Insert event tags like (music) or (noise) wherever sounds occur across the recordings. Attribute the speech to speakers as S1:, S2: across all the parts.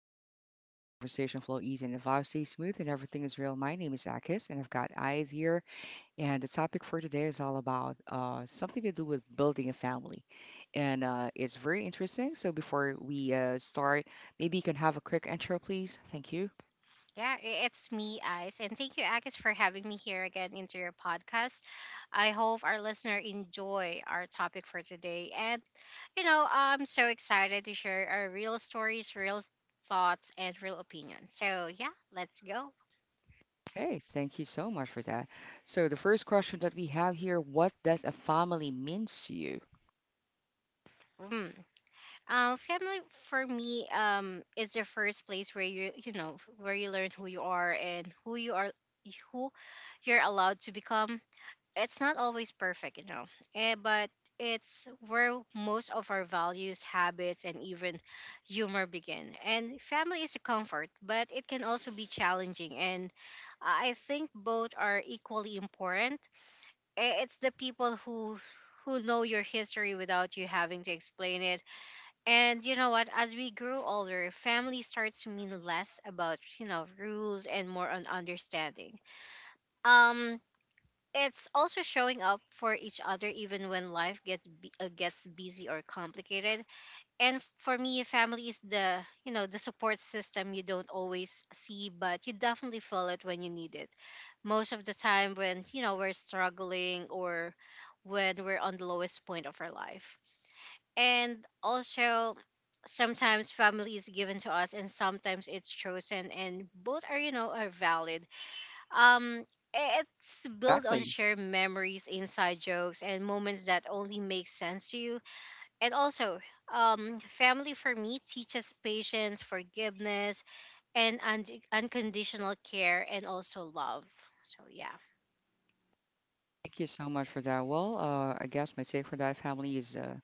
S1: into a chill zone where conversation flow easy and the vibe stays smooth and everything is real. My name is Akis and I've got eyes here. And the topic for today is all about something to do with building a family, and it's very interesting. So before we start, maybe you can have a quick intro, please. Thank you.
S2: Yeah, it's me, Ice. And thank you, Akis, for having me here again into your podcast. I hope our listener enjoy our topic for today. And, you know, I'm so excited to share our real stories, thoughts, and real opinions. So, yeah, let's go.
S1: Okay, thank you so much for that. So the first question that we have here, what does a family means to you?
S2: Mm. Family for me is the first place where you know where you learn who you are and who you're allowed to become. It's not always perfect, but it's where most of our values, habits, and even humor begin. And family is a comfort, but it can also be challenging. And I think both are equally important. It's the people who know your history without you having to explain it. And you know what? As we grow older, family starts to mean less about rules and more on understanding. Um, it's also showing up for each other even when life gets busy or complicated. And for me, family is the support system you don't always see, but you definitely feel it when you need it. Most of the time when we're struggling or when we're on the lowest point of our life. And also sometimes family is given to us and sometimes it's chosen, and both are valid. um, it's built on
S1: Exactly.
S2: shared memories, inside jokes, and moments that only make sense to you. And also, family for me teaches patience, forgiveness, and unconditional care, and also love. So yeah.
S1: Thank you so much for that. Well, I guess my take for that family is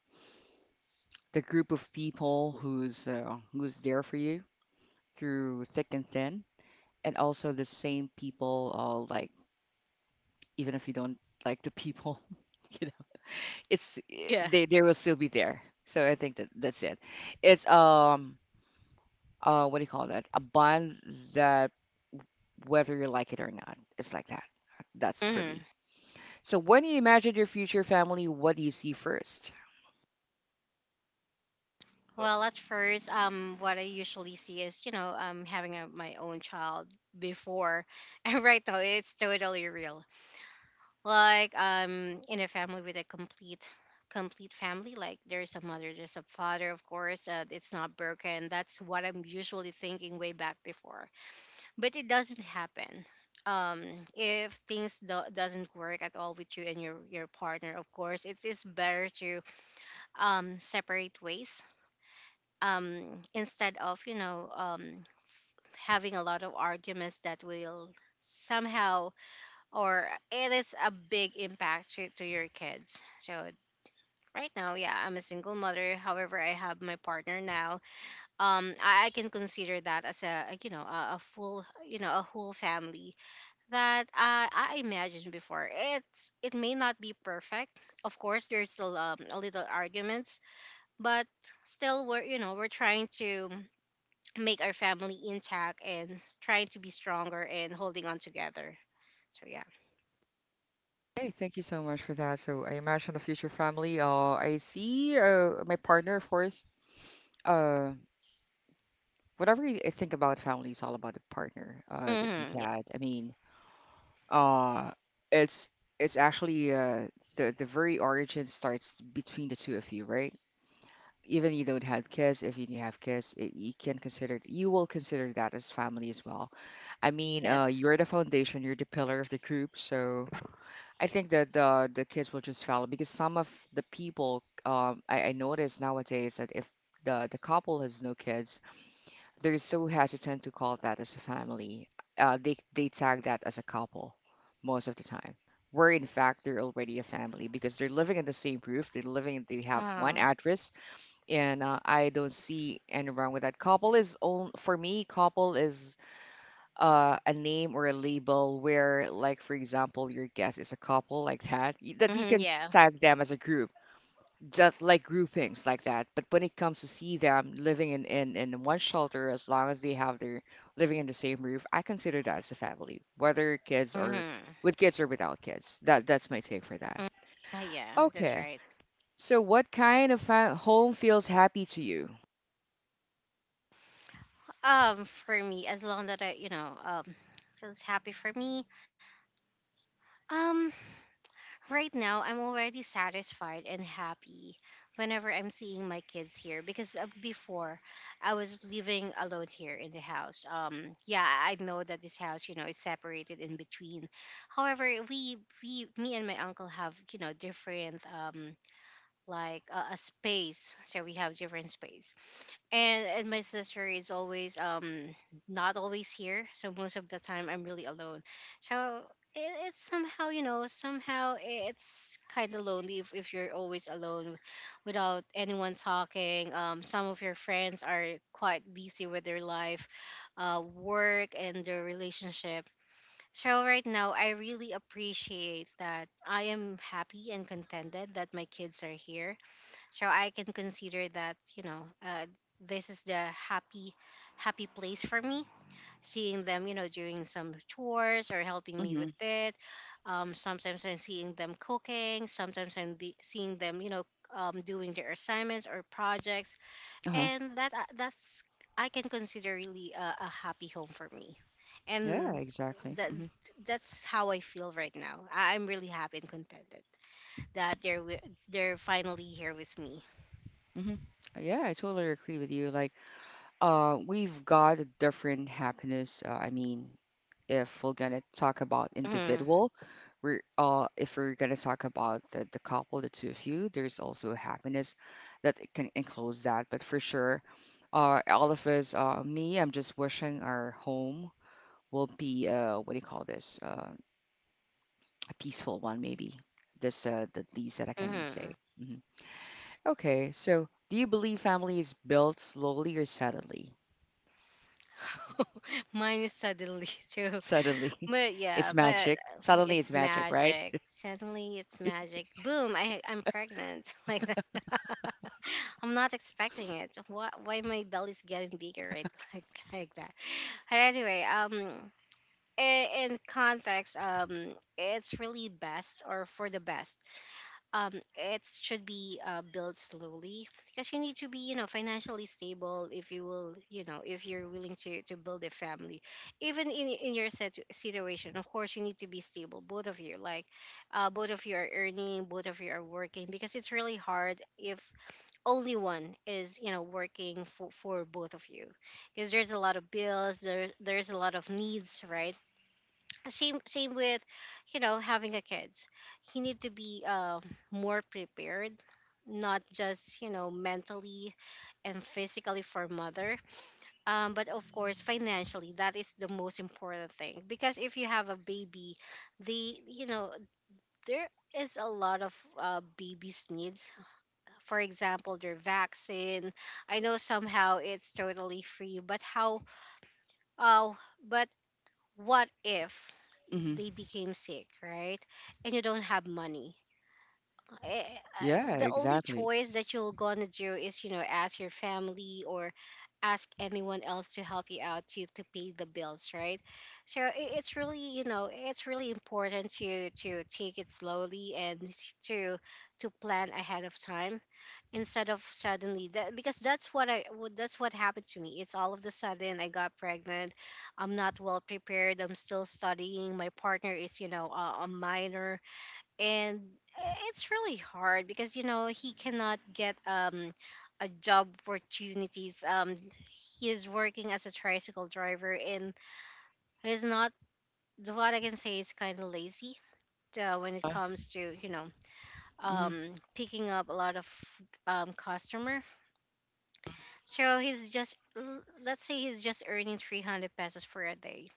S1: the group of people who's there for you through thick and thin, and also the same people. Like even if you don't like the people, (laughs) you know, it's eh,
S2: Yeah.
S1: they will still be there. So I think that that's it. It's what do you call that? A bond that whether you like it or not, it's like that. That's for
S2: Mm-hmm.
S1: me. So when you imagine your future family, what do you see first?
S2: Well, at first, what I usually see is, having my own child before, (laughs) and right now it's totally real. Like, in a family with a complete family, like there's a mother, there's a father, of course. It's not broken. That's what I'm usually thinking way back before, but it doesn't happen. um if things doesn't work at all with you and your partner, of course it's better to separate ways, instead of, having a lot of arguments that will somehow or it is a big impact to your kids. So right now, yeah, I'm a single mother. However, I have my partner now. I can consider that as a, you know a full you know a whole family that, I imagined before. It may not be perfect. Of course, there's still, a little arguments, but still, we're you know we're trying to make our family intact and trying to be stronger and holding on together. So
S1: Hey, thank you so much for that. So I imagine a future family. I see my partner, of course, uh whatever you think about family is all about the partner
S2: yeah.
S1: that you've
S2: Hmm.
S1: had. I mean, uh it's it's actually the very origin starts between the two of you, right? Even you don't have kids, if you have kids, you will consider that as family as well. I mean,
S2: Yes.
S1: you're the foundation, you're the pillar of the group, so I think that the kids will just follow because some of the people, I notice nowadays that if the couple has no kids. They're so hesitant to call that as a family. They tag that as a couple most of the time. Where in fact they're already a family because they're living in the same roof. They're living. They have one
S2: Oh.
S1: address, and I don't see any wrong with that. Couple is on for me. Couple is a name or a label where, like for example, your guest is a couple like that. That you
S2: Hmm,
S1: can
S2: yeah.
S1: tag them as a group just like groupings like that. But when it comes to see them living in one shelter, as long as they have their living in the same roof, I consider that as a family, whether kids or
S2: Hmm.
S1: with kids or without kids. That's my take for that.
S2: Yeah, that's
S1: Okay.
S2: right.
S1: So what kind of home feels happy to you?
S2: For me, as long that I feels happy for me. Um, right now, I'm already satisfied and happy whenever I'm seeing my kids here, because before, I was living alone here in the house. Yeah, I know that this house, you know, is separated in between. However, me and my uncle have, you know, different, a space. So we have different space. And my sister is always not always here, so most of the time I'm really alone. So it, it's somehow you know somehow it's kind of lonely if you're always alone without anyone talking. Some of your friends are quite busy with their life, work, and their relationship. So right now, I really appreciate that I am happy and contented that my kids are here. So I can consider that, this is the happy place for me, seeing them, doing some chores or helping me
S1: Hmm.
S2: with it. Sometimes I'm seeing them cooking, sometimes I'm the seeing them, doing their assignments or projects.
S1: Uh-huh.
S2: And that's, I can consider really a happy home for me.
S1: Yeah,
S2: And
S1: exactly.
S2: that
S1: Hmm.
S2: that's how I feel right now. I'm really happy and contented that they're finally here with me.
S1: Hmm. Yeah, I totally agree with you. Like, we've got a different happiness. I mean, if we're gonna talk about
S2: Mhm.
S1: individual, we're if we're gonna talk about the couple, the two of you, there's also happiness that it can enclose that. But for sure, all of us, me, I'm just wishing our home will be what do you call this? A peaceful one, maybe. That's the least that I can
S2: Mm-hmm.
S1: say. Hmm. Okay, so do you believe family is built slowly or suddenly?
S2: (laughs) Mine is suddenly (laughs) too.
S1: Suddenly,
S2: But
S1: (laughs) it's
S2: yeah, but
S1: magic. Suddenly,
S2: it's
S1: it's magic, right?
S2: magic. Suddenly it's magic. Boom, I'm pregnant. (laughs) Like that. (laughs) I'm not expecting it. Why my belly's getting bigger, right? (laughs) like like that. But anyway, in context, it's really best, or for the best, it should be built slowly, because you need to be, financially stable. If you will you know if you're willing to build a family, even in your set situation. Of course, you need to be stable, both of you. Like, both of you are earning, both of you are working. Because it's really hard if only one is, working for both of you, because there's a lot of bills, there's a lot of needs, right? Same with, having a kids. You need to be, more prepared, not just, mentally and physically for mother, but of course financially. That is the most important thing. Because if you have a baby, the you know there is a lot of, babies needs, for example their vaccine. I know somehow it's totally free, but how uh, but what if
S1: Hmm.
S2: they became sick, right? And you don't have money.
S1: Yeah,
S2: The only
S1: exactly.
S2: choice that you're gonna do is, ask your family, or ask anyone else to help you out to pay the bills, right? So it's really important to take it slowly, and to to plan ahead of time, instead of suddenly. That, because that's what happened to me. It's all of the sudden, I got pregnant. I'm not well prepared, I'm still studying, my partner is, a minor. And, it's really hard because, he cannot get, a job opportunities. He is working as a tricycle driver, and he's not, what I can say, is kind of lazy, when it comes to,
S1: Mhm,
S2: picking up a lot of, customer. So he's just let's say he's just earning 300 pesos for a day,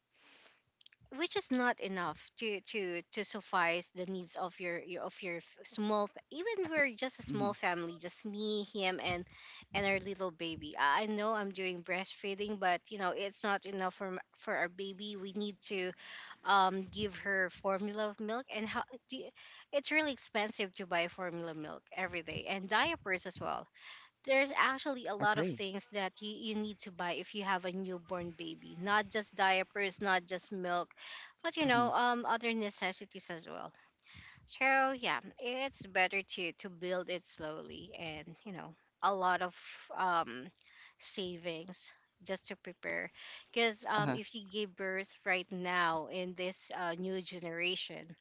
S2: which is not enough to suffice the needs of your. Even we're just a
S1: mhm.
S2: small family, just me, him, and our little baby. I know I'm doing breastfeeding, but, it's not enough for our baby. We need to, give her formula of milk. And do you- it's really expensive to buy formula milk every day, and diapers as well. There's actually a lot of
S1: Agree.
S2: things that you need to buy if you have a newborn baby. Not just diapers, not just milk, but,
S1: Mhm,
S2: other necessities as well. So yeah, it's better to build it slowly, and, a lot of, um savings, just to prepare. Because,
S1: uh-huh,
S2: if you give birth right now in this, new generation,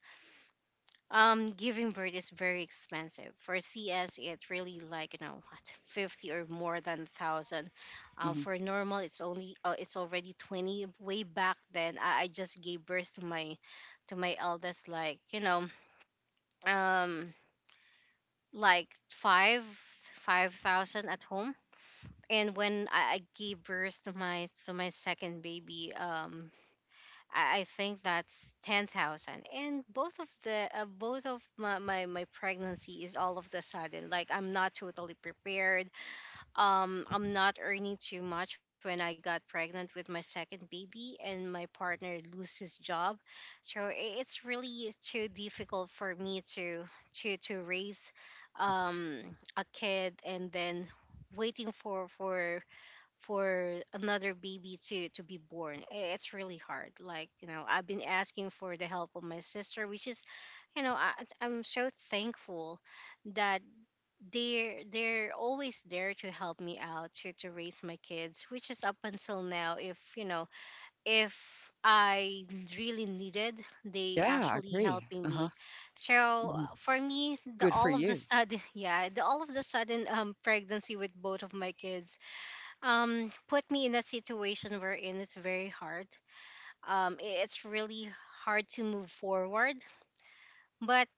S2: giving birth is very expensive. For CS, it's really, like, (laughs) what, 50 or more than thousand.
S1: mhm.
S2: For normal, it's already 20. Way back then, I just gave birth to my eldest, like, you know, um, like five five thousand at home. And when I gave birth to my second baby, I think that's 10,000. And both of the both of my pregnancy is all of the sudden. Like, I'm not totally prepared. I'm not earning too much when I got pregnant with my second baby, and my partner lose his job. So it's really too difficult for me to raise, a kid, and then waiting for another baby to be born. It's really hard. Like, you know, I've been asking for the help of my sister, which is, you know I, I'm so thankful that they're always there to help me out to raise my kids, which is up until now. If you know if I really needed, they
S1: Yeah, I
S2: actually
S1: agree.
S2: helping
S1: Uh-huh,
S2: me. So
S1: mhm.
S2: for me, the
S1: Good for
S2: all of the
S1: you.
S2: sudden, (laughs) yeah, the all of the sudden, pregnancy with both of my kids, put me in a situation wherein it's very hard. It's really hard to move forward. But,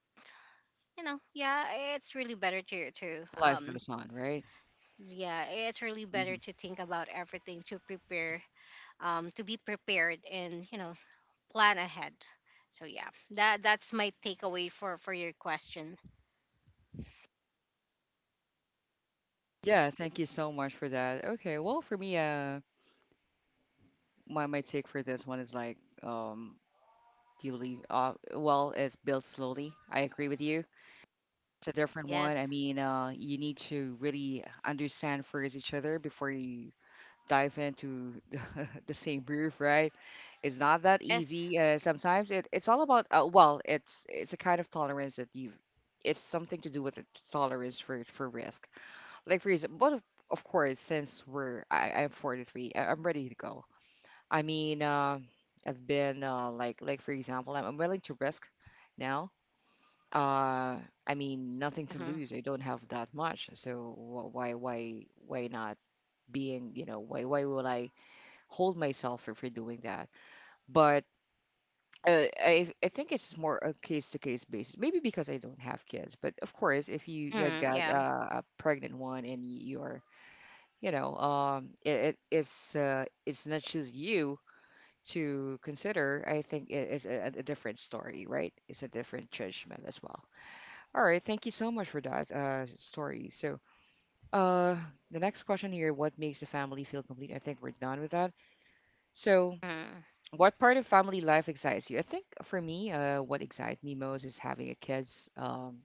S2: yeah, it's really better to
S1: Life goes on, right? Mhm.
S2: think about everything to prepare, to be prepared, and, plan ahead. So yeah, that's my takeaway for your question.
S1: Yeah, thank you so much for that. Okay, well, for me, my take for this one is like, um, do you believe? Well, it's built slowly. I agree with you. It's a different one. I
S2: Yes.
S1: mean, you need to really understand first each other before you dive into (laughs) the same roof, right? It's not that
S2: Yes.
S1: easy. Sometimes it's all about it's a kind of tolerance that you. It's something to do with the tolerance for risk. Like for example, but of course, since I'm 43, I'm ready to go. I mean, I've been like for example, I'm willing to risk now. Uh, I mean, nothing
S2: Mm-hmm.
S1: to lose. I don't have that much, so why not being, why would I hold myself for doing that. But I think it's more a case to case basis. Maybe because I don't have kids, but of course, if you
S2: Mm,
S1: got
S2: yeah.
S1: a pregnant one and it's not just you to consider. I think it is a different story, right? It's a different judgment as well. All right, thank you so much for that story. So, uh, the next question here: what makes a family feel complete? I think we're done with that. So,
S2: Mm,
S1: what part of family life excites you? I think for me, what excites me most is having a kids. Um,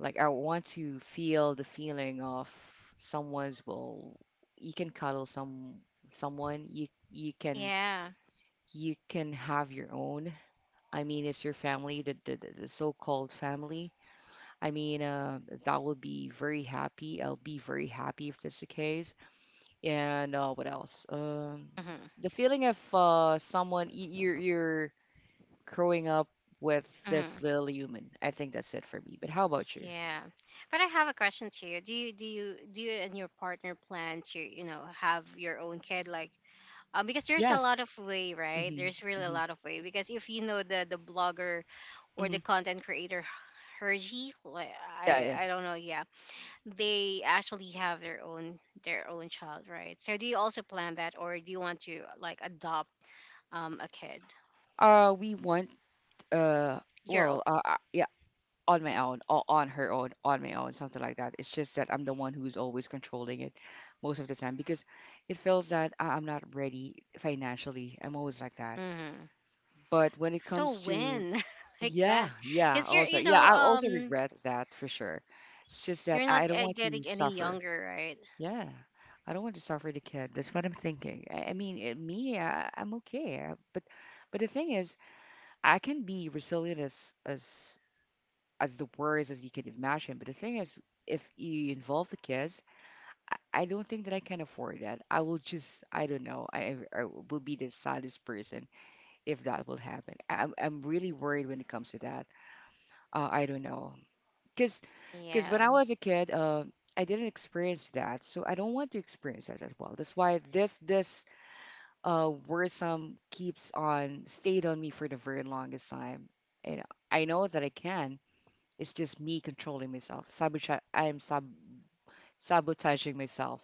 S1: like I want to feel the feeling of someone's will. You can cuddle someone. You you can
S2: yeah.
S1: you can have your own. I mean, it's your family, the so-called family. I mean, that will be very happy. I'll be very happy if that's the case. And what else? Um,
S2: Mm-hmm.
S1: the feeling of someone y- you're growing up with this
S2: Mm-hmm.
S1: little human. I think that's it for me. But how about you?
S2: Yeah. But I have a question to you. Do you and your partner plan to, you know, have your own kid like because there's a lot of
S1: Yes.
S2: way, right?
S1: Hmm.
S2: There's really a
S1: Hmm.
S2: lot of way because if you know the blogger or the
S1: Hmm.
S2: content creator Herji, like
S1: Yeah,
S2: I
S1: yeah.
S2: I don't know, yeah. They actually have their own child, right? So do you also plan that or do you want to like adopt a kid?
S1: We want uh,
S2: Your own.
S1: yeah, on my own, on her own, on my own, something like that. It's just that I'm the one who's always controlling it most of the time because it feels that I'm not ready financially. I'm always like that.
S2: hmm
S1: But when it
S2: So
S1: comes to,
S2: when (laughs) like
S1: yeah,
S2: that?
S1: yeah,
S2: Cuz you're
S1: also
S2: you
S1: yeah,
S2: know
S1: I also
S2: um
S1: regret that for sure. It's just that
S2: you're not
S1: I don't want to
S2: getting any
S1: suffer.
S2: younger, right?
S1: Yeah, I don't want to suffer the kid. That's what I'm thinking. I mean, I'm okay. I, but the thing is, I can be resilient as as the worst as you can imagine. But the thing is, if you involve the kids, I don't think that I can afford that. I will just, I don't know. I will be the saddest person if that will happen. I'm really worried when it comes to that. I don't know. Because because when
S2: Yeah.
S1: I was a kid, I didn't experience that, so I don't want to experience that as well. That's why this worrisome keeps on stayed on me for the very longest time. You know, I know that I can. It's just me controlling myself. Sabotage. I am sabotaging myself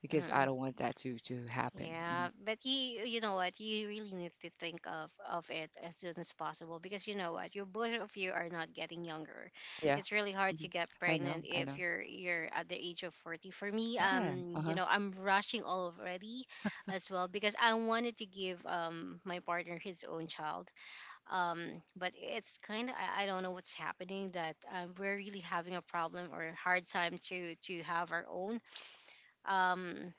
S1: because I
S2: Mhm.
S1: don't want that to happen. Hmm.
S2: Yeah, but you know what? You really need to think of it as soon as possible because you know what? You both of you are not getting younger.
S1: Yeah.
S2: It's really hard
S1: Hmm.
S2: to get
S1: I know.
S2: pregnant
S1: I
S2: if
S1: know.
S2: you're at the age of 40. For me,
S1: Yeah.
S2: you
S1: Uh-huh.
S2: know, I'm rushing already as well because I wanted to give my partner his own child. um but it's kind of I don't know what's happening that we're really having a problem or a hard time to have our own um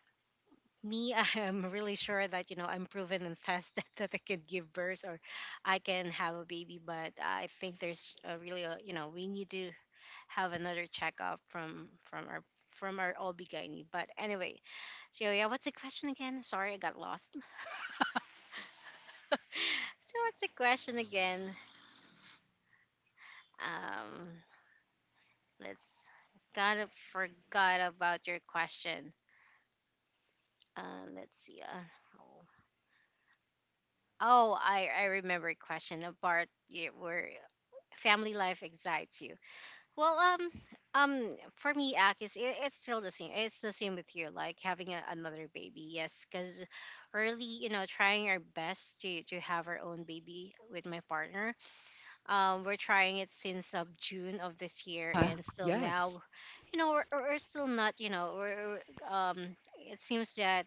S2: me (laughs) I'm really sure that you know I'm proven and tested (laughs) that I can give birth or I can have a baby, but I think there's a really a, you know, we need to have another checkup from our OB-GYN. But anyway, so yeah, what's the question again? Sorry, I got lost. (laughs) So what's the question again? Um, Let's Gotta forgot about your question. Let's see. Oh, oh, I remember a question about yeah, where family life excites you. Well, um, for me, Akis, it's still the same. It's the same with you, like having a, another baby. Yes, because really, you know, trying our best to have our own baby with my partner. We're trying it since of June of this year,
S1: Uh,
S2: and still
S1: yes.
S2: now, you know, we're still not, you know, we're, um, it seems that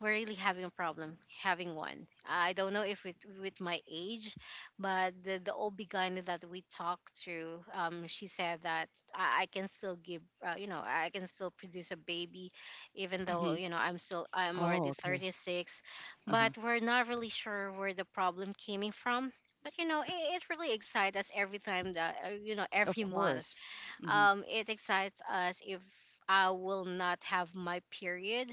S2: we're really having a problem having one. I don't know if it, with my age, but the old beginner that we talked to, she said that I can still give, you know, I can still produce a baby, even though
S1: Hmm.
S2: you know I'm
S1: Oh,
S2: already
S1: okay.
S2: 36,
S1: Uh-huh.
S2: but we're not really sure where the problem came in from. But you know, it really excites us every time that you know,
S1: Of
S2: every month.
S1: course. Mm-hmm.
S2: It excites us if I will not have my period.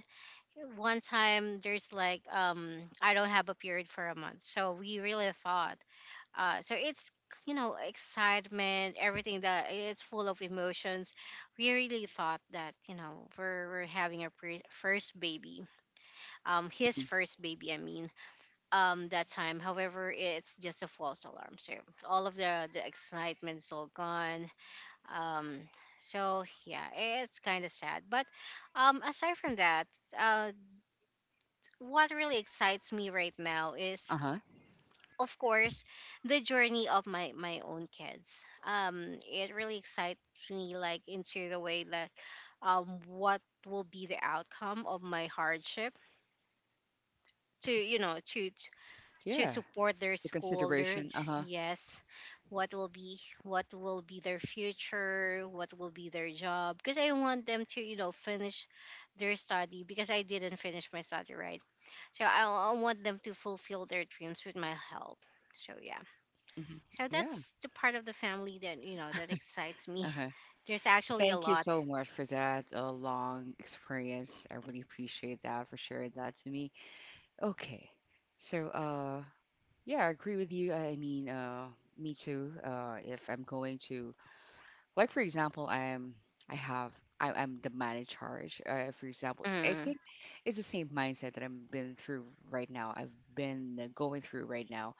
S2: One time there's like I don't have a period for a month, so we really fought. So it's, you know, excitement, everything that it's full of emotions. We really thought that you know we're having our first baby, his
S1: Mm-hmm.
S2: first baby, I mean, that time. However, it's just a false alarm. So all of the excitement's all gone. Um, so yeah, it's kind of sad. But aside from that, uh what really excites me right now is
S1: Uh-huh.
S2: of course the journey of my own kids. It really excites me like into the way that what will be the outcome of my hardship to, you know, to
S1: Yeah,
S2: support their
S1: the
S2: school, their
S1: consideration. Uh-huh.
S2: yes, what will be what will be their future, what will be their job, because I want them to, you know, finish their study because I didn't finish my study, right? So I want them to fulfill their dreams with my help. So yeah.
S1: Hmm.
S2: So
S1: Yeah.
S2: that's the part of the family that you know that excites me.
S1: Uh-huh.
S2: (laughs) There's actually a
S1: Thank you
S2: lot.
S1: so much for that long experience. I really appreciate that for sharing that to me. Okay. So, yeah, I agree with you. I mean, me too. If I'm going to, like, for example, I am, I have, I, I'm the man in charge. For example, I
S2: Mm,
S1: think it's the same mindset that I've been through right now. I've been going through right now.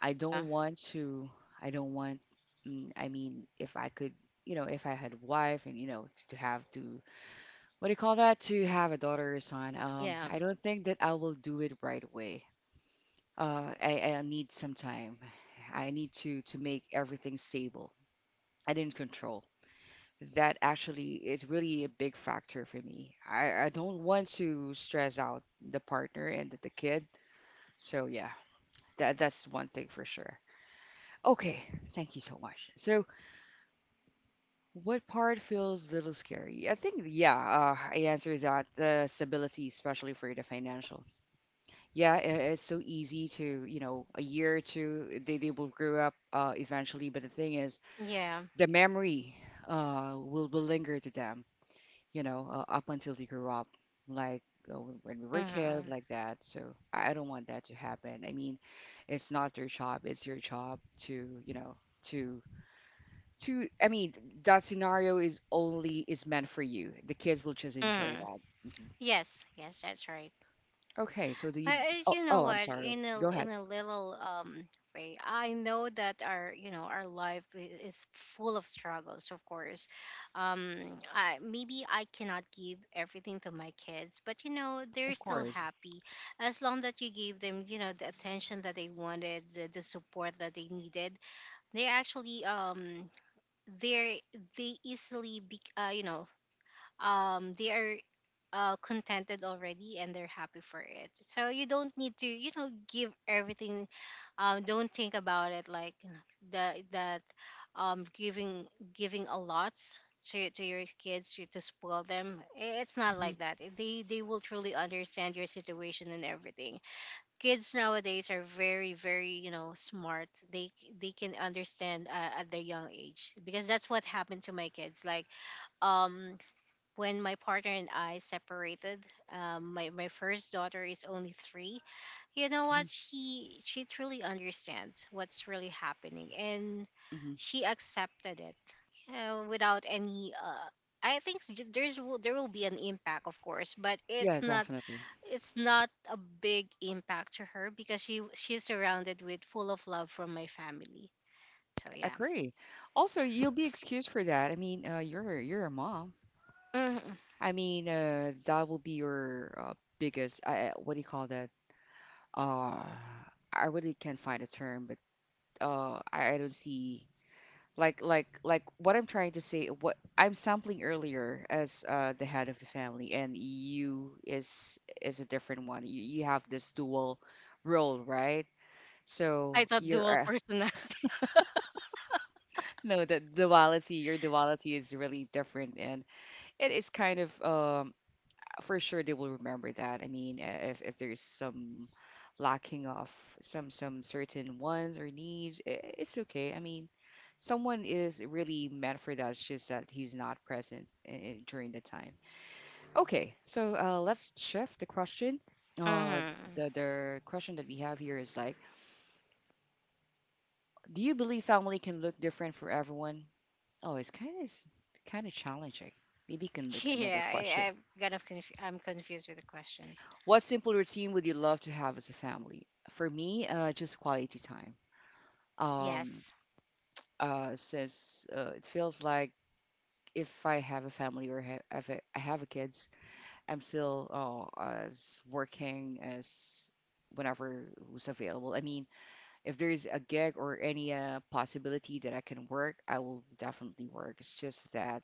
S1: I
S2: yeah.
S1: don't want to, I don't want, I mean, if I could, if I had wife and, to have to, what do you call that? To have a daughter or son. Um,
S2: Yeah.
S1: I don't think that I will do it right away. I need some time. I need to make everything stable and in control. That actually is really a big factor for me. I don't want to stress out the partner and the kid. So yeah, that's one thing for sure. Okay, thank you so much. So, what part feels a little scary? I think, yeah, I answered that. The stability, especially for the financial. Yeah, I it's so easy to, a year or two, they will grow up eventually. But the thing is,
S2: Yeah.
S1: the memory will linger to them, up until they grow up, like when we were kids,
S2: hmm
S1: like that. So I don't want that to happen. I mean, it's not their job, it's your job to, to to I mean, that scenario is only is meant for you. The kids will just enjoy
S2: hmm
S1: that. Hmm.
S2: Yes. Yes, that's right.
S1: okay so the oh,
S2: You know
S1: oh I'm
S2: what,
S1: sorry, go
S2: in
S1: ahead.
S2: a little way, I know that our you know our life is full of struggles. Of course, I maybe I cannot give everything to my kids, but you know they're
S1: Of
S2: still
S1: course.
S2: happy as long that you gave them you know the attention that they wanted, the support that they needed. They actually they're they easily be, you know, they are contented already and they're happy for it. So you don't need to, you know, give everything. Don't think about it like you know, that that giving a lot to your kids to spoil them. It's not
S1: Hmm.
S2: like that. They will truly understand your situation and everything. Kids nowadays are very you know smart. They can understand at their young age, because that's what happened to my kids. Like um when my partner and I separated, my first daughter is only three. You know
S1: Hmm.
S2: what? She truly understands what's really happening, and
S1: Hmm.
S2: she accepted it. You know, without any. I think there will be an impact, of course, but
S1: Yeah, definitely.
S2: it's not a big impact to her because she's surrounded with full of love from my family. So
S1: I
S2: yeah,
S1: agree. Also, you'll be excused for that. I mean, you're a mom.
S2: hmm.
S1: I mean, that will be your biggest what do you call that? uh I really can't find a term, but I don't see like what I'm trying to say. What I'm sampling earlier as the head of the family and you is a different one. You have this dual role, right?
S2: I
S1: So
S2: thought dual
S1: your
S2: personality.
S1: (laughs) no, the duality your duality is really different, and it is kind of for sure they will remember that. I mean, if there's some lacking of some certain wants or needs, it's okay. I mean, someone is really meant for that. It's just that he's not present during the time. Okay, so let's shift the question.
S2: (laughs)
S1: Uh,
S2: hmm
S1: the question that we have here is like, do you believe family can look different for everyone? Oh, it's kind of challenging. Maybe you can
S2: (laughs)
S1: look another
S2: Yeah,
S1: question.
S2: I'm kind of I'm confused with the question.
S1: What simple routine would you love to have as a family? For me, just quality time. Um,
S2: Yes.
S1: since it feels like if I have a family or I have a kids, I'm still as working as whenever who's available. I mean, if there is a gig or any possibility that I can work, I will definitely work. It's just that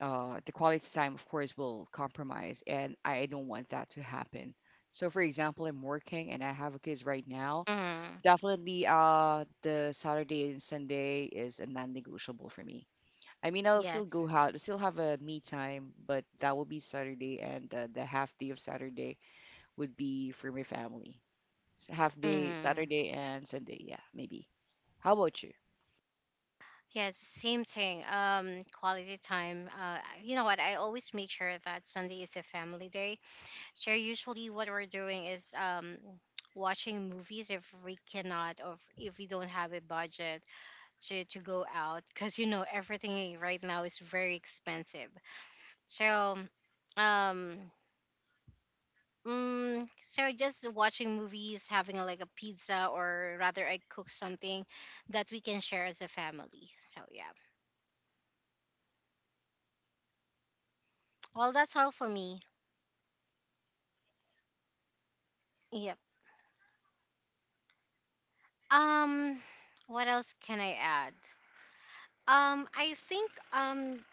S1: the quality time, of course, will compromise, and I don't want that to happen. So, for example, I'm working and I have a kids right now.
S2: Mm.
S1: Definitely, the Saturday and Sunday is a non-negotiable for me. I mean, I'll still
S2: Yes.
S1: go out, still have a me time, but that will be Saturday, and the half day of Saturday would be for my family. So half day
S2: Mm.
S1: Saturday and Sunday, yeah, maybe. How about you?
S2: Yes. Same thing. Quality time. You know what? I always make sure that Sunday is a family day. So usually, what we're doing is watching movies if we cannot or if we don't have a budget to go out because you know everything right now is very expensive. So, um. Mm, so just watching movies, having a, like a pizza, or rather, I cook something that we can share as a family. So yeah. Well, that's all for me. Yep. Um, what else can I add? I think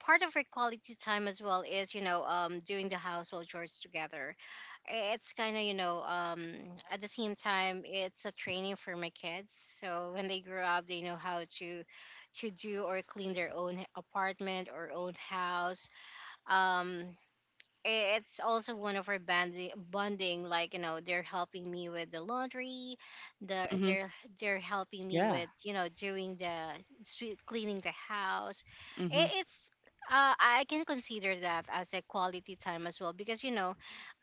S2: part of our quality time as well is you know doing the household chores together. It's kind of you know at the same time it's a training for my kids, so when they grow up they know how to do or clean their own apartment or own house. um it's also one of our bonding, like you know they're helping me with the laundry, the
S1: Mm-hmm.
S2: they're they're helping me
S1: Yeah.
S2: with you know doing the sweet cleaning the house.
S1: Mm-hmm.
S2: It's I can consider that as a quality time as well because you know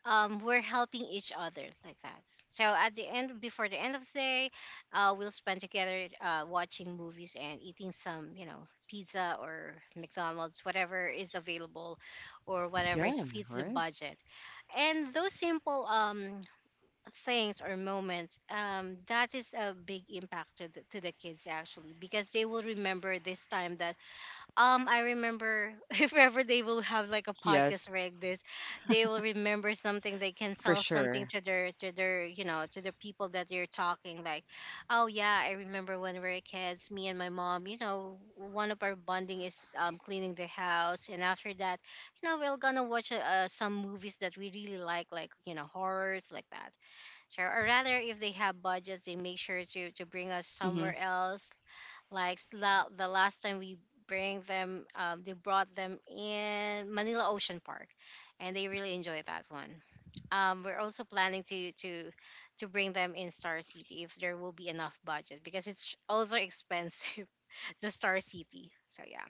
S2: we're helping each other like that. So at the end, before the end of the day, we'll spend together watching movies and eating some, you know, pizza or McDonald's, whatever is available, or whatever
S1: Yeah.
S2: is fits the
S1: Right.
S2: budget. And those simple things or moments, that is a big impact to to the kids actually because they will remember this time that I remember (laughs) if ever they will have like a podcast
S1: Yes,
S2: like this, they will remember something. They can
S1: for
S2: sell something
S1: sure.
S2: to their you know to the people that you're talking like, oh yeah, I remember when we were kids, me and my mom, you know, one of our bonding is cleaning the house, and after that you know we're gonna watch some movies that we really like, you know, horrors like that. Sure, or rather if they have budgets they make sure to bring us
S1: Mhm.
S2: somewhere else, like the last time we bring them, they brought them in Manila Ocean Park, and they really enjoyed that one. We're also planning to bring them in Star City if there will be enough budget because it's also expensive, (laughs) the Star City. So yeah,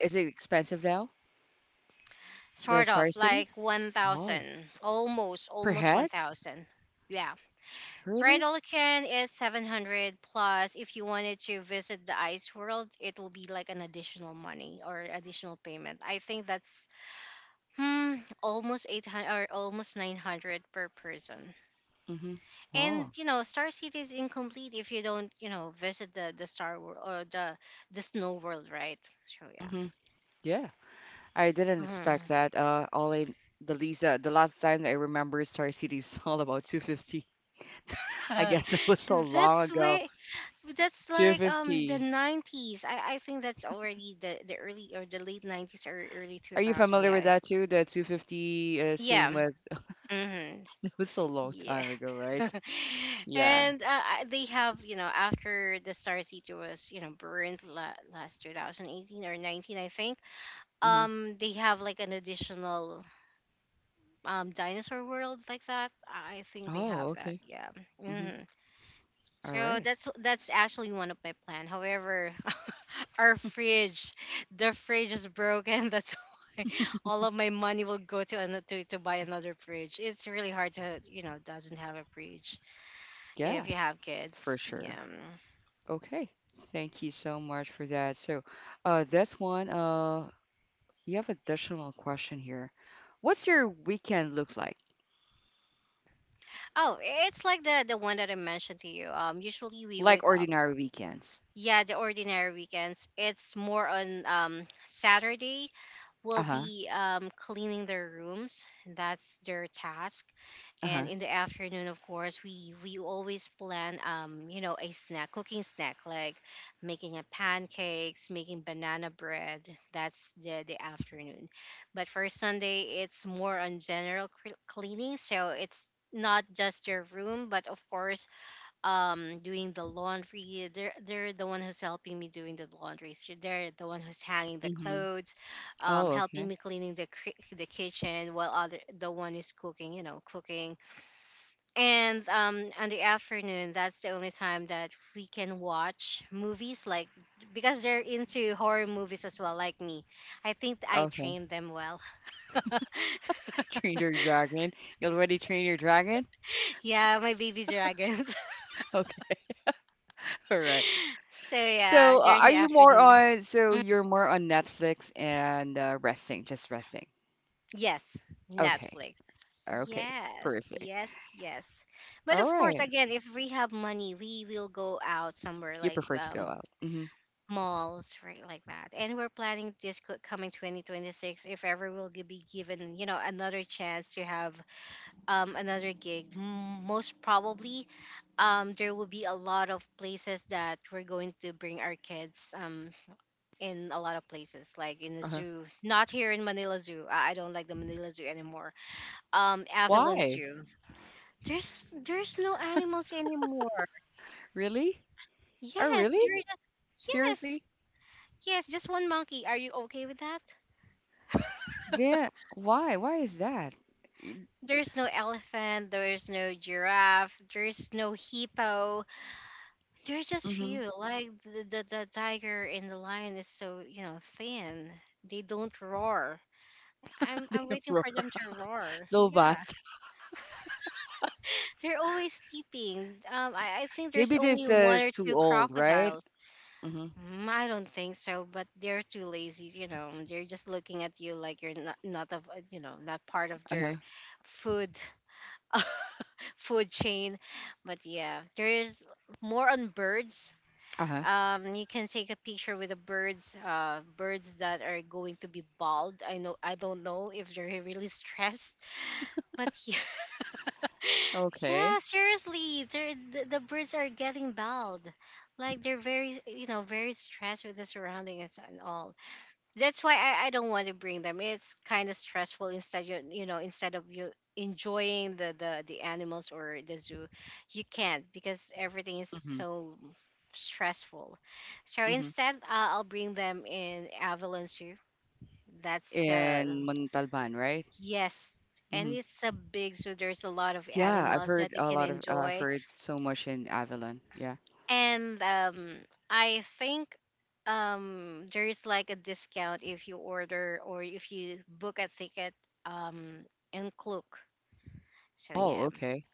S1: Is it expensive now? The
S2: sort of
S1: Star City?
S2: like one
S1: Oh,
S2: thousand,
S1: per
S2: almost one
S1: head?
S2: thousand. Yeah, right,
S1: Really?
S2: Olcan is 700 plus. If you wanted to visit the ice world, it will be like an additional money or additional payment. I think that's hmm, almost 800 or almost 900 per person.
S1: Mm-hmm.
S2: And
S1: Wow.
S2: you know, Star City is incomplete if you don't, you know, visit the Star World or the Snow World, right? So
S1: Mm-hmm. Yeah, I didn't
S2: yeah.
S1: expect that. All in the Lisa, the last time I remember Star City is (laughs) all about 250. I
S2: Mhm.
S1: guess it was so
S2: (laughs)
S1: long
S2: That's
S1: ago.
S2: way that's like the
S1: 250.
S2: 90s. I think that's already the early or the late 90s or early
S1: Are you
S2: 2000.
S1: familiar with
S2: Yeah.
S1: that too? The 250,
S2: Yeah.
S1: same with,
S2: Mm-hmm.
S1: (laughs) it was so long
S2: Yeah.
S1: time ago, right?
S2: (laughs)
S1: Yeah.
S2: And they have, you know, after the Star City was, you know, last 2018 or 19, I think,
S1: Mm-hmm.
S2: they have like an additional dinosaur world like that. I think they
S1: Oh,
S2: have that.
S1: okay.
S2: Yeah.
S1: Mm-hmm.
S2: Mm-hmm.
S1: All
S2: So
S1: right.
S2: that's actually one of my plan. However, (laughs) our fridge, the fridge is broken. (laughs) That's why all of my money will go to another to buy another fridge. It's really hard to you know doesn't have a fridge
S1: Yeah,
S2: if you have kids.
S1: for sure.
S2: Yeah.
S1: Okay, thank you so much for that. So, that's one. We have additional question here. What's your weekend look like?
S2: Oh, it's like the one that I mentioned to you. Usually we
S1: Like
S2: wake up.
S1: ordinary weekends?
S2: Yeah, the ordinary weekends. It's more on Saturday will
S1: Uh-huh.
S2: be cleaning their rooms. That's their task. And
S1: Uh-huh.
S2: in the afternoon, of course, we always plan a snack, cooking snack like making a pancakes, making banana bread. That's the afternoon. But for Sunday, it's more on general cleaning. So it's not just your room, but of course doing the laundry, they're the one who's helping me doing the laundry, so they're the one who's hanging the
S1: Mm-hmm.
S2: clothes,
S1: Oh,
S2: helping
S1: okay.
S2: me cleaning the the kitchen while other the one is cooking, cooking. And on the afternoon, that's the only time that we can watch movies, like because they're into horror movies as well like me. I think I
S1: Okay.
S2: trained them well.
S1: (laughs) Train your dragon. You already train your dragon? (laughs)
S2: (laughs) Yeah, my baby dragons.
S1: Okay. All right.
S2: (laughs) So
S1: So,
S2: yeah, during
S1: are
S2: the
S1: you more
S2: afternoon.
S1: on? So you're more on Netflix and resting, just resting.
S2: Yes,
S1: Okay.
S2: Netflix.
S1: Okay.
S2: Yes,
S1: Perfect.
S2: yes, yes. But
S1: All
S2: of course,
S1: right.
S2: again, if we have money, we will go out somewhere
S1: You
S2: like
S1: prefer to go out. Mm-hmm.
S2: malls, right, like that. And we're planning this coming 2026, if ever we'll be given, you know, another chance to have another gig. Most probably, there will be a lot of places that we're going to bring our kids, in a lot of places, like in the
S1: Uh-huh.
S2: zoo. Not here in Manila Zoo. I don't like the Manila Zoo anymore. Avalon
S1: Why?
S2: Zoo. There's no animals anymore.
S1: Really? Oh,
S2: Yes,
S1: really?
S2: there is.
S1: Seriously?
S2: Yes, yes, just one monkey. Are you okay with that?
S1: Yeah. Why? Why is that?
S2: There's no elephant. There's no giraffe. There's no hippo. There's just
S1: Mm-hmm. (laughs)
S2: few. Like the tiger and the lion is so, you know, thin. They don't roar. I'm
S1: They
S2: I'm
S1: don't
S2: waiting
S1: roar.
S2: for them to roar. Yeah,
S1: Lobat.
S2: they're always sleeping. I think
S1: (laughs)
S2: there's
S1: Maybe
S2: only
S1: this
S2: one
S1: is
S2: or
S1: too
S2: two
S1: old, right?
S2: crocodiles.
S1: Mm-hmm.
S2: I don't think so, but they're too lazy. You know, they're just looking at you like you're not of, you know, not part of
S1: Uh-huh.
S2: their food (laughs) food chain. But yeah, there is more on birds.
S1: Uh-huh.
S2: You can take a picture with the birds. Birds that are going to be bald. I know. I don't know if they're (laughs) really stressed, but yeah, (laughs) yeah.
S1: Okay.
S2: Seriously, the birds are getting bald. Like they're very, you know, very stressed with the surroundings and all. That's why I don't want to bring them. It's kind of stressful. Instead, instead of you enjoying the animals or the zoo, you can't because everything is
S1: Mm-hmm.
S2: so stressful. So
S1: Mm-hmm.
S2: instead, I'll bring them in Avalon Zoo. That's
S1: In Montalban, right?
S2: Yes,
S1: Mm-hmm.
S2: and it's a big zoo. There's a lot of
S1: Yeah, I've
S2: animals that
S1: heard
S2: they can
S1: I've
S2: enjoy.
S1: heard so much in Avalon. Yeah.
S2: And I think there is like a discount if you order or if you book a ticket, um in Klook. So
S1: Oh,
S2: yeah.
S1: okay.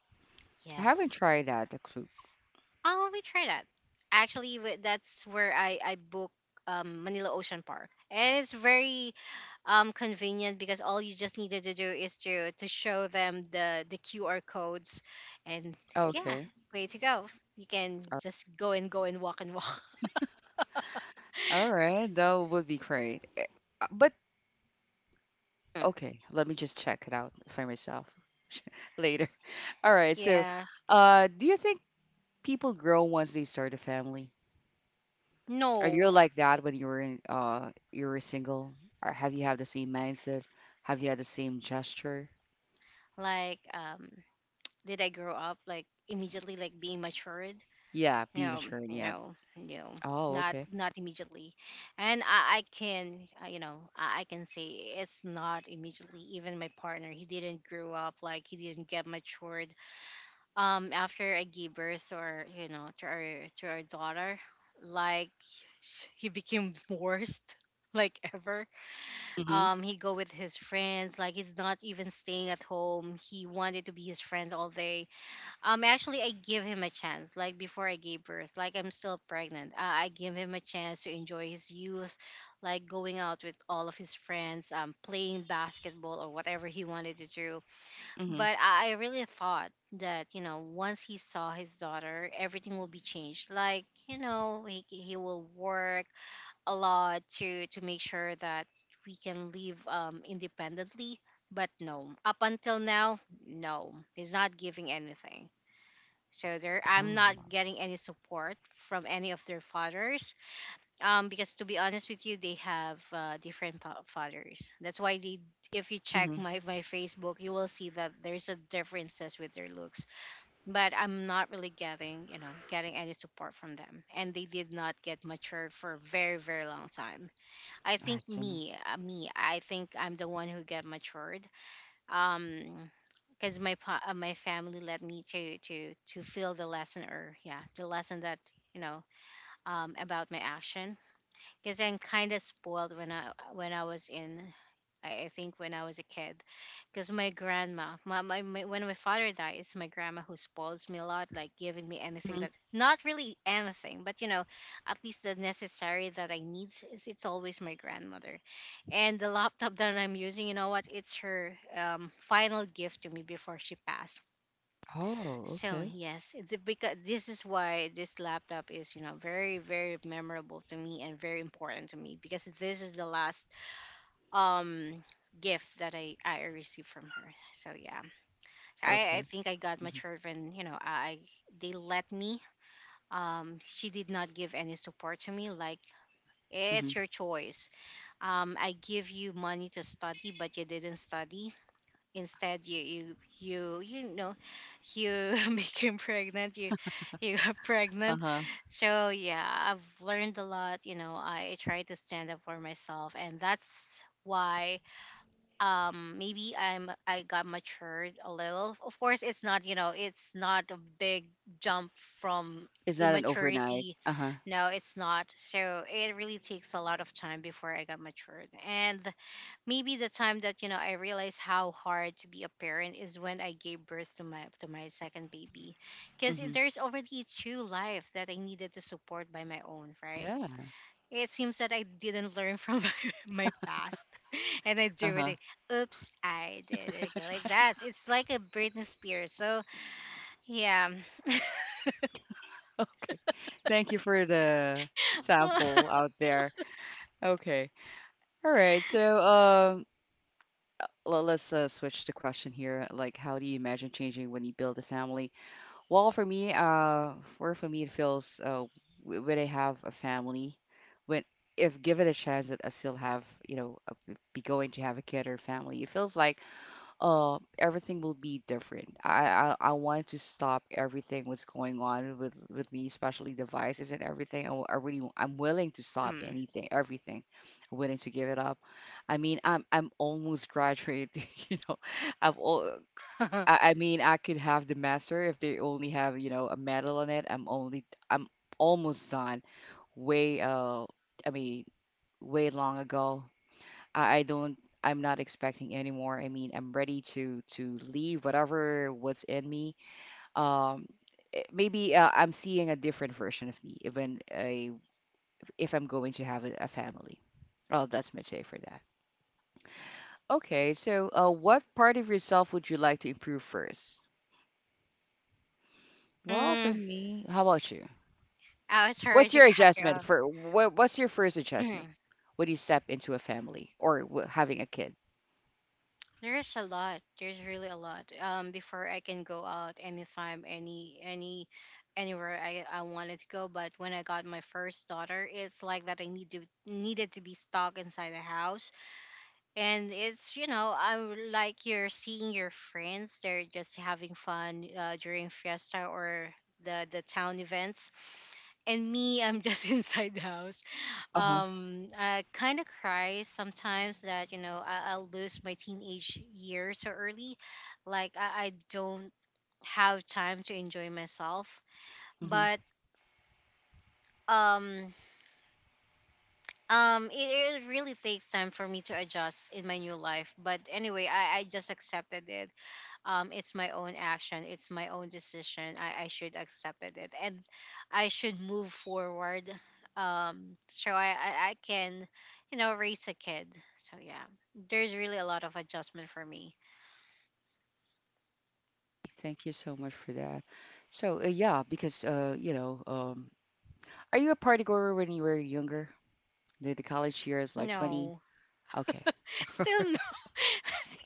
S1: I haven't
S2: Yes.
S1: tried that, the clue.
S2: Oh, we try that. Actually, that's where I book, Manila Ocean Park. And it's very convenient because all you just needed to do is to show them the QR codes, and yeah,
S1: Okay.
S2: way to go. You can
S1: All
S2: just go and go and walk and walk.
S1: all right. That would be great. But,
S2: (laughs)
S1: okay, let me just check it out for myself (laughs) later. All right. So,
S2: Yeah.
S1: do you think people grow once they start a family? Are you
S2: No,
S1: like that when you were single? Or have you had the same mindset? Have you had the same gesture?
S2: like did I grow up like immediately, like being matured?
S1: Yeah, be
S2: No,
S1: mature. Yeah.
S2: no, no,
S1: Oh, okay.
S2: not immediately. And I can, you know, I can say it's not immediately. Even my partner, he didn't grow up, like he didn't get matured. After I gave birth to our, you know, to our daughter, like he became worst (laughs) like ever.
S1: Mhm.
S2: He go with his friends, like he's not even staying at home. He wanted to be his friends all day. Actually, I give him a chance, like before I gave birth, like I'm still pregnant. I give him a chance to enjoy his youth, like going out with all of his friends, playing basketball or whatever he wanted to do.
S1: Mhm.
S2: But I really thought that, you know, once he saw his daughter, everything will be changed. Like, you know, he will work a lot to make sure that we can live, independently. But no, up until now, no, he's not giving anything. So there, I'm
S1: Oh.
S2: not getting any support from any of their fathers. Because to be honest with you, they have, different fathers. That's why they, if you check
S1: Mhm.
S2: my Facebook, you will see that there's a differences with their looks. But I'm not really getting, you know, getting any support from them, and they did not get matured for a very very long time. I
S1: I
S2: think
S1: see.
S2: me, I think I'm the one who get matured. Um, because my my family led me to feel the lesson, or yeah, the lesson that, you know, about my action. Because I'm kind of spoiled when I was in, I think when I was a kid, because my grandma, my father died, it's my grandma who spoils me a lot, like giving me anything,
S1: Mhm.
S2: that not really anything, but you know, at least the necessary that I need. It's always my grandmother, and the laptop that I'm using, you know what? It's her, final gift to me before she passed.
S1: Oh,
S2: So
S1: okay.
S2: yes, the, because this is why this laptop is, you know, very very memorable to me and very important to me because this is the last um gift that I received from her. So yeah, so I
S1: Okay.
S2: think I got
S1: Mhm.
S2: matured when, you know, I they let me. She did not give any support to me. Like it's
S1: Mhm.
S2: your choice. I give you money to study, but you didn't study. Instead, you know, you (laughs) became pregnant. You got (laughs) pregnant.
S1: Uh-huh.
S2: So yeah, I've learned a lot. You know, I try to stand up for myself, and that's why maybe I got matured a little. Of course it's not, you know, it's not a big jump from
S1: It's not an overnight.
S2: immaturity.
S1: Uh-huh.
S2: No, it's not. So it really takes a lot of time before I got matured. And maybe the time that, you know, I realized how hard to be a parent is when I gave birth to my second baby, because
S1: Mhm.
S2: there's already two life that I needed to support by my own, right.
S1: Yeah.
S2: It seems that I didn't learn from (laughs) my past, (laughs) and I do it.
S1: Uh-huh. (laughs)
S2: Oops, I did it again. Like that. It's like a Britney Spears. So yeah.
S1: Okay. Thank you for the
S2: (laughs)
S1: sample out there. Okay. All right. So, uh, let's switch the question here. Like, how do you imagine changing when you build a family? Well, for me, for me, it feels when I have a family, when if given a chance that I still have, you know, a, be going to have a kid or family, it feels like everything will be different. I want to stop everything what's going on with me, especially devices and everything. I, w- I really w- I'm willing to stop
S2: Hmm.
S1: anything, everything. I'm willing to give it up. I mean, I'm almost graduated, (laughs) you know. I've all
S2: (laughs)
S1: I mean, I could have the master if they only have, a medal on it. I'm almost done. Way. I mean, way long ago. I don't. I'm not expecting anymore. I mean, I'm ready to leave whatever what's in me. Um, maybe I'm seeing a different version of me even I if I'm going to have a family. Oh, that's my take for that. Okay, so what part of yourself would you like to improve first? Well, for
S2: mm,
S1: me, how about you?
S2: I was sorry
S1: What's
S2: to (laughs)
S1: your
S2: cut you
S1: adjustment
S2: off.
S1: for what, what's your first adjustment
S2: (clears throat)
S1: when you step into a family or w having a kid?
S2: There's a lot. There's really a lot. Before I can go out anytime, anywhere I wanted to go. But when I got my first daughter, it's like that I needed to be stuck inside the house. And it's, you know, I'm like you're seeing your friends, they're just having fun, during fiesta or the town events, and me, I'm just (laughs) inside the house.
S1: Uh-huh.
S2: I kind of cry sometimes that, you know, I'll lose my teenage years so early, like I don't have time to enjoy myself.
S1: mm-hmm.
S2: But um it, it really takes time for me to adjust in my new life. But anyway, I just accepted it. Um, it's my own action, it's my own decision. I should accept it and I should move forward. So I can, you know, raise a kid. So yeah, there's really a lot of adjustment for me.
S1: Thank you so much for that. So, yeah, because, are you a party goer when you were younger? The college years, like 20?
S2: No,
S1: Okay.
S2: (laughs)
S1: (laughs) All right.
S2: still no.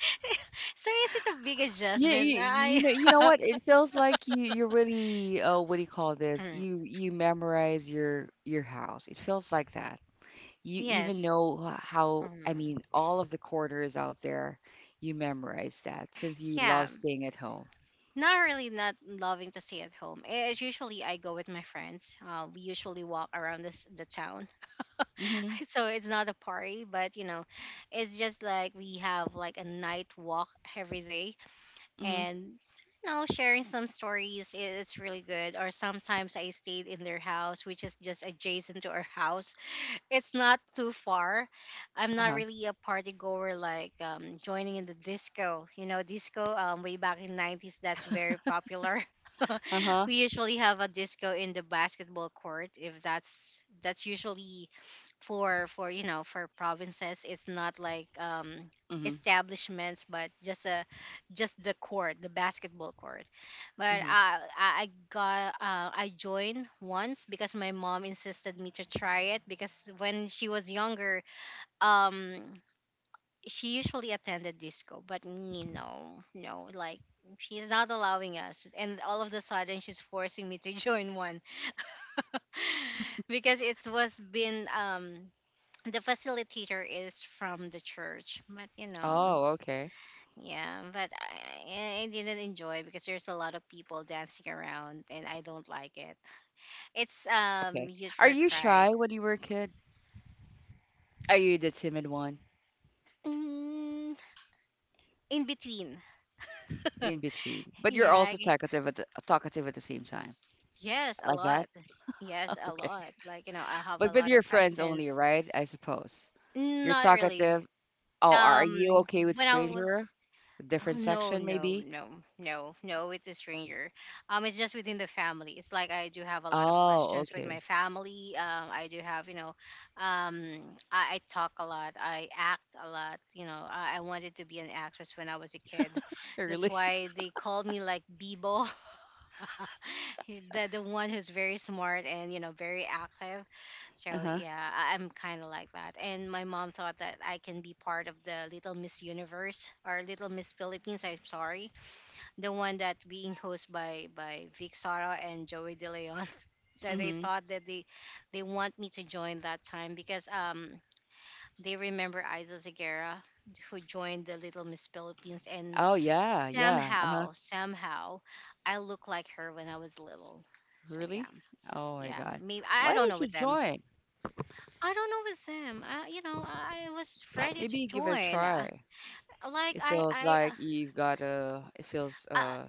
S2: (laughs) So is it a big
S1: Yeah,
S2: adjustment?
S1: you,
S2: I
S1: you know
S2: (laughs)
S1: what? It feels like you really what do you call this? You memorize your house. It feels like that.
S2: (clears throat)
S1: You even
S2: yes.
S1: know how, I
S2: Um,
S1: mean, all of the quarters out there, you memorize that since you
S2: yeah.
S1: love staying at home.
S2: Not really not loving to stay at home. As usually I go with my friends. We usually walk around this the town.
S1: Mm-hmm.
S2: (laughs) So it's not a party, but you know, it's just like we have like a night walk every day.
S1: Mm-hmm.
S2: And, you know, sharing some stories, it's really good. Or sometimes I stayed in their house, which is just adjacent to our house. It's not too far. I'm not
S1: Uh-huh.
S2: really a party goer, like joining in the disco. You know, disco, way back in '90s, that's very popular. (laughs)
S1: Uh-huh.
S2: We usually have a disco in the basketball court, if that's usually for, you know, for provinces, it's not like
S1: Mm-hmm.
S2: establishments, but just a, just the court, the basketball court. But uh,
S1: mm-hmm.
S2: I I got, I joined once because my mom insisted me to try it, because when she was younger, um, she usually attended disco. But me no, no, like she's not allowing us, and all of the sudden she's forcing me to join one (laughs) because it was been the facilitator is from the church, but you know,
S1: Oh, okay.
S2: yeah, but I didn't enjoy it because there's a lot of people dancing around and I don't like it. It's
S1: Okay.
S2: huge
S1: Are
S2: for
S1: you shy
S2: cries.
S1: when you were a kid? Are you the timid one
S2: Mm, in between. (laughs)
S1: in between? But you're
S2: Yeah.
S1: also
S2: I-
S1: talkative at the same time.
S2: Yes, a
S1: Like that?
S2: lot. Yes,
S1: (laughs)
S2: a
S1: Okay.
S2: lot. Like, you know, I have
S1: But
S2: a
S1: with
S2: lot
S1: your
S2: of
S1: friends only,
S2: questions.
S1: right? I suppose. You're
S2: Not really.
S1: talkative. Oh, are you
S2: Um,
S1: okay with
S2: when I was…
S1: stranger?
S2: Oh
S1: Different
S2: no,
S1: section,
S2: no,
S1: maybe?
S2: no, no, no, it's a stranger. It's just within the family. It's like I do have a lot of
S1: Oh,
S2: questions with my
S1: okay.
S2: family. I do have, um, I talk a lot. I act a lot. You know, I wanted to be an actress when I was a kid.
S1: (laughs)
S2: That's
S1: Really?
S2: why they called me like Bebo. (laughs) He's the one who's very smart, and you know, very active, so
S1: Uh-huh.
S2: yeah, I'm kind of like that. And my mom thought that I can be part of the Little Miss Universe, or Little Miss Philippines, I'm sorry, the one that being hosted by Vic Sara and Joey de Leon. (laughs) So they
S1: Mm-hmm.
S2: thought that they want me to join that time because they remember Isa Zagara, who joined the Little Miss Philippines, and
S1: Oh, yeah, yeah. Uh-huh.
S2: somehow, I look like her when I was little. So yeah,
S1: Really? Oh my
S2: yeah.
S1: God.
S2: Maybe
S1: Why
S2: I don't
S1: didn't
S2: know
S1: you
S2: with them.
S1: join?
S2: I don't know with them. I, you know, I was ready to
S1: Maybe give it a
S2: join.
S1: try.
S2: Like
S1: It
S2: I,
S1: feels
S2: I, uh,
S1: like
S2: uh,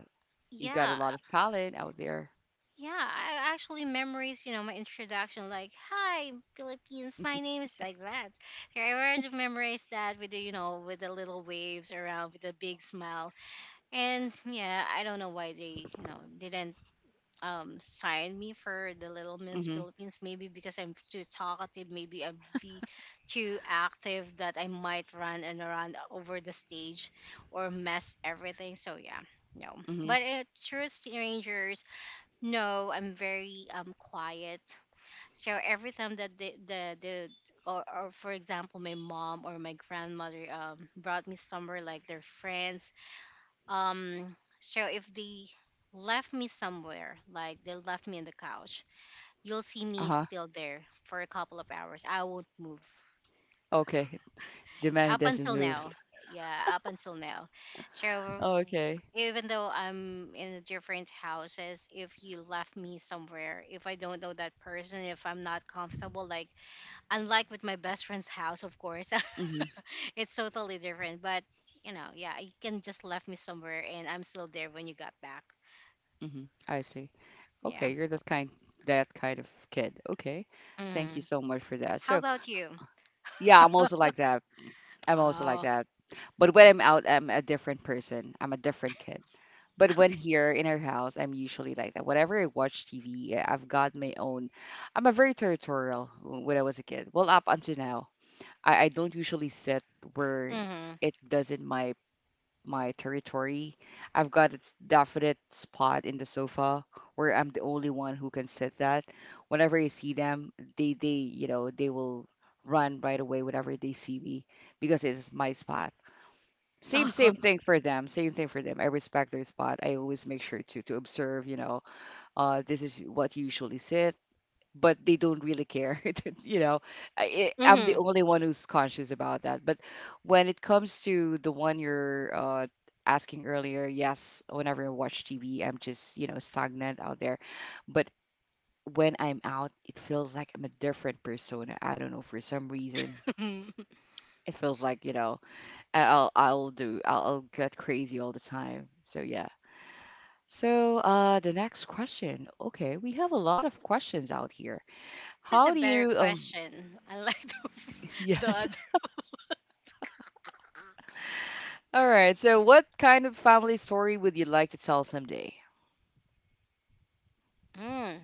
S1: you've got a
S2: yeah,
S1: lot of talent out there.
S2: yeah. I actually memories. You know, my introduction, like, "Hi, Philippines. My name is like that." I already memorized that with the, you know, with the little waves around, with the big smile. And yeah, I don't know why they, you know, didn't sign me for the Little Miss
S1: Mm-hmm.
S2: Philippines. Maybe because I'm too talkative, maybe I'd be too active, that I might run and run over the stage or mess everything. So yeah, no.
S1: Mm-hmm.
S2: But true strangers, no, I'm very quiet. So every time that the or for example, my mom or my grandmother brought me somewhere, like their friends, um, so if they left me somewhere, like they left me on the couch, you'll see me
S1: Uh-huh.
S2: still there for a couple of hours. I won't move
S1: Okay. Demand
S2: up
S1: doesn't
S2: until
S1: move.
S2: now. Yeah, up until now. So
S1: Oh, okay.
S2: even though I'm in different houses, if you left me somewhere, if I don't know that person, if I'm not comfortable, like unlike with my best friend's house, of course,
S1: Mm-hmm.
S2: (laughs) it's totally different. But you know, yeah, you can just left me somewhere and I'm still there when you got back.
S1: Mm-hmm. I see.
S2: Yeah.
S1: Okay, you're that kind of kid. Okay. Thank you
S2: Mm.
S1: so much for that.
S2: How
S1: So
S2: about you?
S1: yeah, I'm also like that. I'm also like
S2: Oh.
S1: that. But when I'm out, I'm a different person. I'm a different kid. But
S2: (laughs)
S1: when
S2: Okay.
S1: here in our house, I'm usually like that. Whenever I watch TV, I have got my own. I'm a very territorial when I was a kid. Well, up until now, I don't usually sit where
S2: Mm-hmm.
S1: it doesn't my territory. I've got a definite spot in the sofa where I'm the only one who can sit that. Whenever I see them, they you know they will run right away whenever they see me, because it's my spot. Same
S2: Oh.
S1: thing for them. Same thing for them, I respect their spot. I always make sure to observe. This is what you usually sit, but they don't really care (laughs) you know.
S2: (laughs)
S1: I'm the
S2: Mm-hmm.
S1: only one who's conscious about that. But when it comes to the one you're asking earlier, yes, whenever I watch tv, I'm just stagnant out there. But when I'm out, it feels like I'm a different persona. I don't know, for some reason it feels like, I'll get crazy all the time. So yeah. So the next question. Okay, we have a lot of questions out here.
S2: (laughs) This is a
S1: How do
S2: better
S1: you
S2: question. I like
S1: (laughs)
S2: (laughs) the
S1: yes.
S2: other.
S1: All right. So what kind of family story would you like to tell someday?
S2: Mm.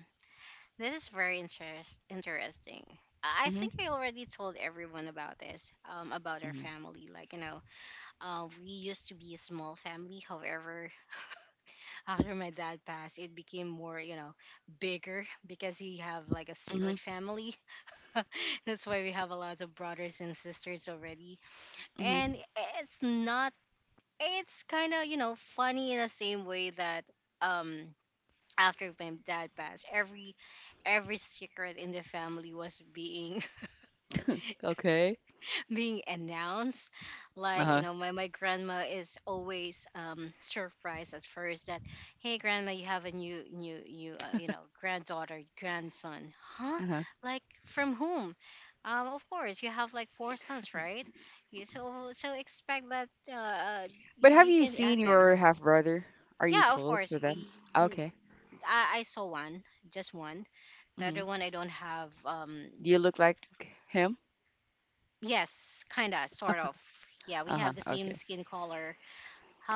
S2: This is very interesting. I
S1: Mhm.
S2: think I already told everyone about this, about our
S1: Mhm.
S2: family. Like, you know, we used to be a small family. However, (laughs) after my dad passed, it became more, you know, bigger, because we have like a
S1: Mhm.
S2: secret family. (laughs) That's why we have a lot of brothers and sisters already. And
S1: Mhm.
S2: it's not, it's kind of, you know, funny in the same way that um after my dad passed, every secret in the family was being
S1: Okay.
S2: announced. Like, you
S1: Uh-huh.
S2: know, my grandma is always surprised at first that, hey grandma, you have a new you know, granddaughter, grandson, huh,
S1: Uh-huh.
S2: like from whom? Um, of course, you have like four sons, right? You- so so expect that uh,
S1: But have
S2: you
S1: you
S2: can
S1: seen
S2: ask them.
S1: your half brother? Are you
S2: Yeah, of
S1: close
S2: course,
S1: with them?
S2: n-
S1: Okay.
S2: I saw one, just one. The
S1: Mhm.
S2: other one I don't have, um,
S1: Do you look like him?
S2: yes, kinda sort of. Yeah, we
S1: Uh-huh.
S2: have the same
S1: Okay.
S2: skin color.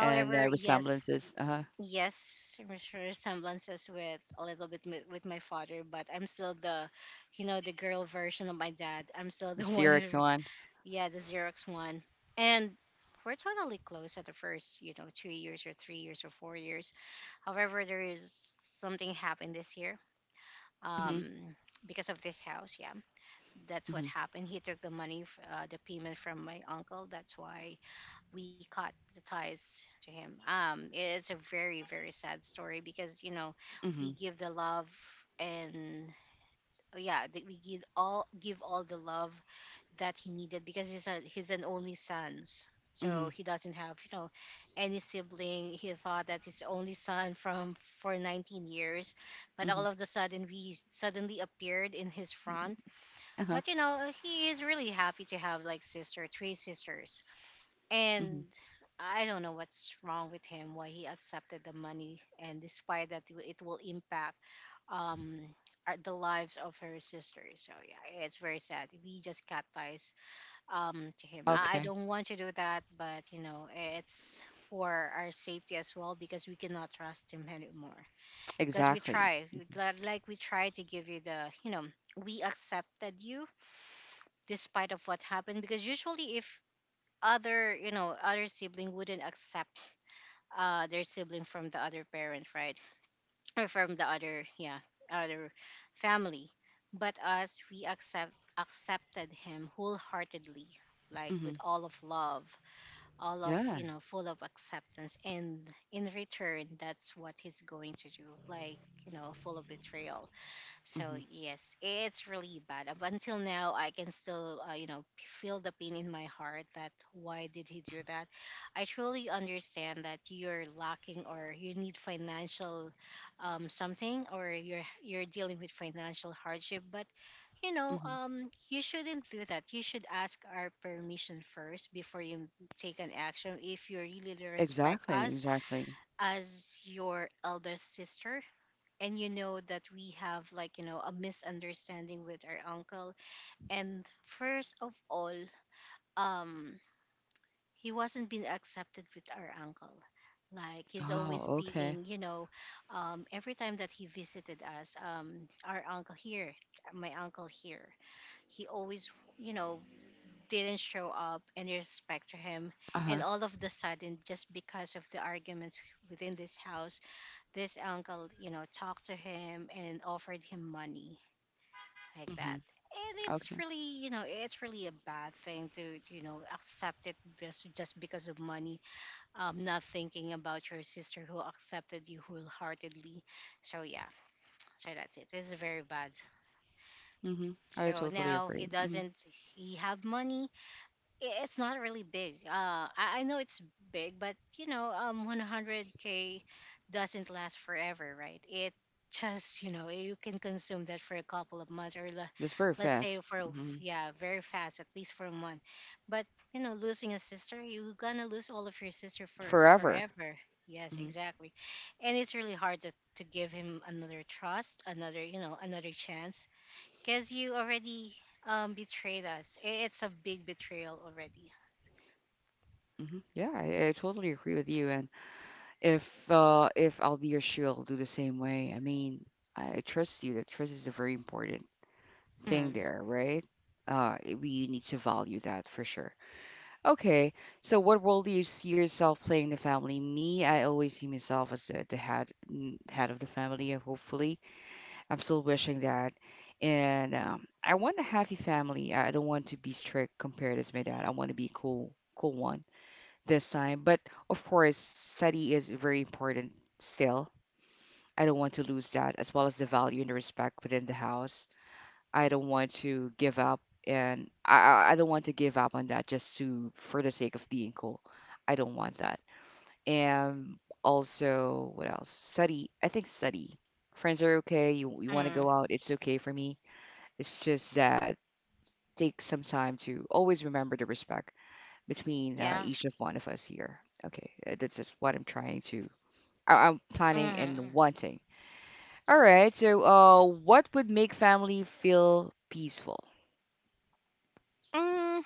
S1: And
S2: yes,
S1: resemblances. Uh-huh.
S2: yes, res- resemblances with a little bit mi- with my father, but I'm still the, you know, the girl version of my dad. I'm still
S1: The
S2: the (laughs) one
S1: Syriac
S2: who,
S1: one.
S2: yeah, the Xerox one. And we're totally close at the first, you know, 2 years or 3 years or 4 years. However, there is something happened this year.
S1: Mm-hmm.
S2: Um, because of this house, yeah, that's what happened. He took the money, f- the payment from my uncle. That's why we cut the ties to him. It's a very very sad story, because you know, we
S1: Mhm.
S2: give the love, and oh, yeah, that we give all the love that he needed, because he's a, he's an only son. So
S1: Mhm.
S2: he doesn't have, you know, any sibling. He thought that his only son from, for 19 years, but
S1: Mhm.
S2: all of the sudden we suddenly appeared in his front.
S1: Uh-huh.
S2: But you know, he is really happy to have like sister, three sisters,
S1: Mhm.
S2: and I don't know what's wrong with him, why he accepted the money, and despite that, it will impact um our- the lives of her sisters. So yeah, it's very sad. We just cut ties to him. I
S1: Okay.
S2: don't want to do that, but you know, it's for our safety as well, because we cannot trust him anymore. Because we
S1: Exactly.
S2: try, we- li- like we try to give you the, you know, we accepted you despite of what happened. Because usually, if other, you know, other sibling wouldn't accept their sibling from the other parent, right? Or from the other, yeah, other family. But us, we accept accepted him wholeheartedly, like with
S1: Mhm.
S2: all of love, all of,
S1: Yeah.
S2: you know, full of acceptance, and in return, that's what he's going to do, like, you know, full of betrayal. So
S1: Mhm.
S2: yes, it's really bad. Up until now, I can still, you know, feel the pain in my heart. That why did he do that? I truly understand that you're lacking or you need financial, something, or you're dealing with financial hardship. But, you know,
S1: Mhm.
S2: you shouldn't do that. You should ask our permission first before you take an action. If you really respect
S1: Exactly.
S2: us
S1: Exactly.
S2: as your elder sister, and you know that we have like, you know, a misunderstanding with our uncle, and first of all, um he wasn't being accepted with our uncle. Like he's
S1: Oh,
S2: always
S1: okay.
S2: being, you know, every time that he visited us, our uncle here, my uncle here, he always, you know, didn't show up and respect to him.
S1: Uh-huh.
S2: And all of the sudden, just because of the arguments within this house, this uncle, you know, talked to him and offered him money like that.
S1: Mhm.
S2: And it's
S1: Okay.
S2: really, you know, it's really a bad thing to, you know, accept it just because of money. Not thinking about your sister who accepted you wholeheartedly. So yeah, so that's it. It's very bad.
S1: Mhm. I
S2: So
S1: totally
S2: now he
S1: agree. Mhm.
S2: doesn't, he have money, it's not really big. I know it's big, but you know, 100K doesn't last forever, right? It just, you know, you can consume that for a couple of months, or le-
S1: It's very
S2: let's say
S1: fast.
S2: for a-
S1: Mhm.
S2: yeah, very fast, at least for a month. But you know, losing a sister, you're gonna lose all of your sister for
S1: Forever.
S2: forever. Yes,
S1: Mhm.
S2: exactly. And it's really hard to give him another trust, another, you know, another chance, because you already betrayed us. I- It's a big betrayal already.
S1: Mhm. Yeah, I totally agree with you. And if I'll be your shield, I'll do the same way. I mean, I trust you. That trust is a very important thing
S2: Mm,
S1: there, right? We need to value that for sure. Okay, so what role do you see yourself playing in the family? Me, I always see myself as the head head of the family. Hopefully, I'm still wishing that, and I want a happy family. I don't want to be strict compared as my dad. I want to be cool, cool one this time. But of course, study is very important still. I don't want to lose that, as well as the value and the respect within the house. I don't want to give up, and I don't want to give up on that just to for the sake of being cool. I don't want that. And also, what else? Study. I think study. Friends are okay. You want to
S2: mm,
S1: go out, it's okay for me. It's just that take some time to always remember the respect between
S2: yeah.
S1: each of one of us here. Okay, that's just what I'm trying to. I'm planning and
S2: Mm.
S1: wanting. All right. So, what would make family feel peaceful?
S2: Mm,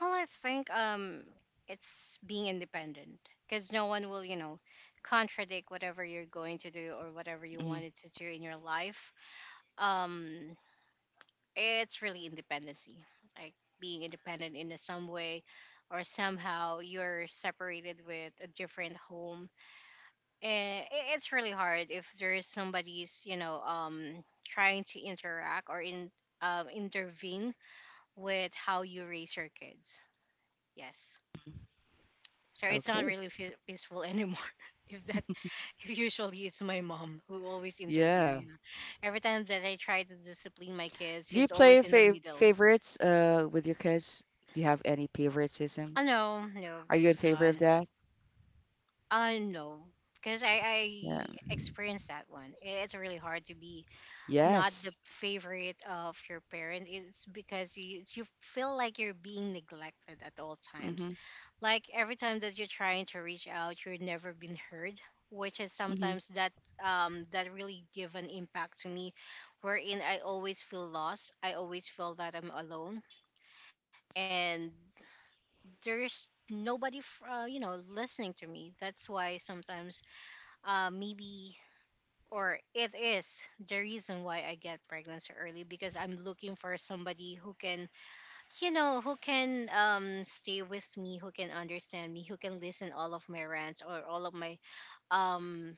S2: well, I think it's being independent, because no one will, you know, contradict whatever you're going to do or whatever you
S1: Mhm.
S2: wanted to do in your life. Um, it's really independency, like being independent in a some way, or somehow you're separated with a different home. And I- it's really hard if there is somebody's, you know, trying to interact or in intervene with how you raise your kids. Yes, so it's not
S1: Okay.
S2: really fe- peaceful anymore (laughs) if that, if usually it's my mom who always intervenes,
S1: Yeah.
S2: you know, every time that I try to discipline my kids,
S1: Do you
S2: she's
S1: play
S2: always in the middle.
S1: favorites with your kids? Do you have any favoritism?
S2: Oh no, no,
S1: Are you in
S2: there's
S1: favor of
S2: none.
S1: that?
S2: Uh no, because
S1: Yeah.
S2: I experienced that one. I- It's really hard to be not the
S1: Yes.
S2: favorite of your parent. It's because you feel like you're being neglected at all times,
S1: Mm-hmm.
S2: like every time that you're trying to reach out, you're never been heard, which is
S1: Mm-hmm.
S2: sometimes that that really give an impact to me, wherein I always feel lost, I always feel that I'm alone, and there's nobody f- you know, listening to me. That's why sometimes maybe, or it is the reason why I get pregnant so early, because I'm looking for somebody who can, you know, who can stay with me, who can understand me, who can listen all of my rants or all of my um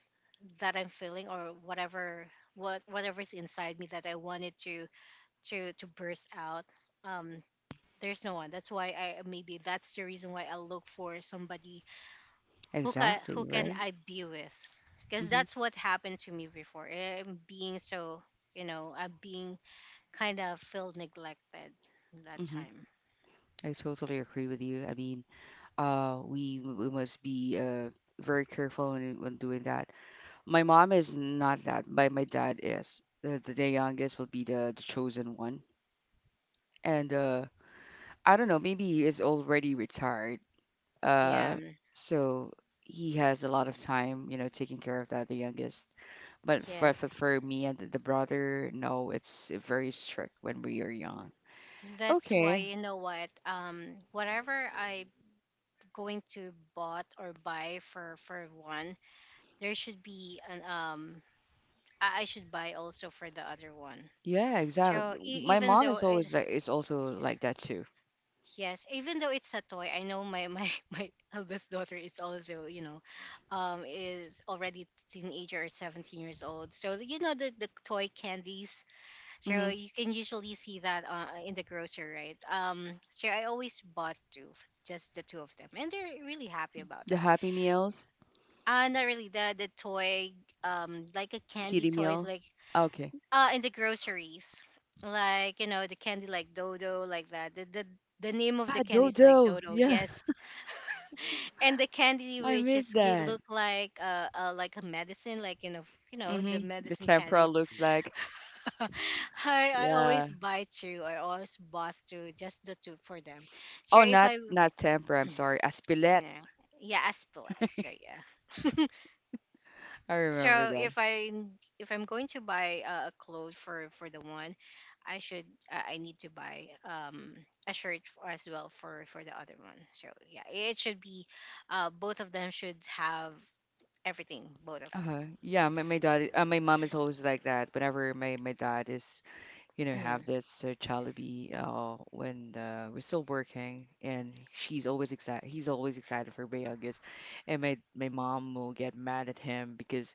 S2: that I'm feeling, or whatever whatever's inside me that I wanted to to burst out. Um, there's no one. That's why I maybe that's the reason why I look for somebody who can,
S1: Exactly,
S2: who can
S1: right?
S2: I be with? Because
S1: Mm-hmm.
S2: that's what happened to me before. I'm being so, you know, I'm being kind of feel neglected that
S1: Mm-hmm.
S2: time.
S1: I totally agree with you. I mean, we must be very careful when doing that. My mom is not that. My dad is. The youngest will be the chosen one, and I don't know. Maybe he is already retired. Uh,
S2: Yeah. Mm,
S1: so he has a lot of time, you know, taking care of that, the youngest. But
S2: yes.
S1: for me and the brother, no, it's very strict when we are young.
S2: That's why,
S1: Okay.
S2: you know what, whatever I going to bought or buy for one, there should be an I should buy also for the other one.
S1: Yeah,
S2: So
S1: exactly. My
S2: even
S1: mom
S2: though
S1: is
S2: it,
S1: always like is also like that too.
S2: yes, even though it's a toy, I know my (laughs) my eldest daughter is also is already teenager or 17 years old. So you know the toy candies. So
S1: Hmm.
S2: you can usually see that in the grocery, right? So I always bought two, just the two of them, and they're really happy about
S1: The
S2: that.
S1: Happy Meals,
S2: Not really the toy, like a candy
S1: Kitty
S2: toys,
S1: meal.
S2: like
S1: Okay.
S2: in the groceries, like, you know, the candy like dodo, like that the name of the
S1: Ah,
S2: candy is like
S1: Dodo.
S2: dodo,
S1: Yeah,
S2: yes. (laughs) And the candy
S1: (laughs) I
S2: which
S1: miss
S2: is it
S1: that.
S2: look like a medicine, like, you know, you know, the
S1: Hmm. The
S2: medicine
S1: tempura
S2: candies.
S1: looks like.
S2: (laughs) I, I
S1: Yeah.
S2: always buy two, I always bought two, just the two for them. So
S1: Oh,
S2: if
S1: not
S2: I
S1: not tempura. I'm sorry. Aspilette.
S2: yeah, yeah, aspillas. So yeah. (laughs)
S1: I remember.
S2: So if I, if I'm going to buy a clothes for the one, I should, I need to buy a shirt as well for the other one. So yeah, it should be, both of them should have everything, both of it.
S1: Uh-huh. Yeah, my dad, my mom is always like that. Whenever my dad is, you
S2: (clears throat)
S1: know, have
S2: Mm.
S1: this Jollibee, when we're still working, and she's always excited. He's always excited for my and my mom will get mad at him because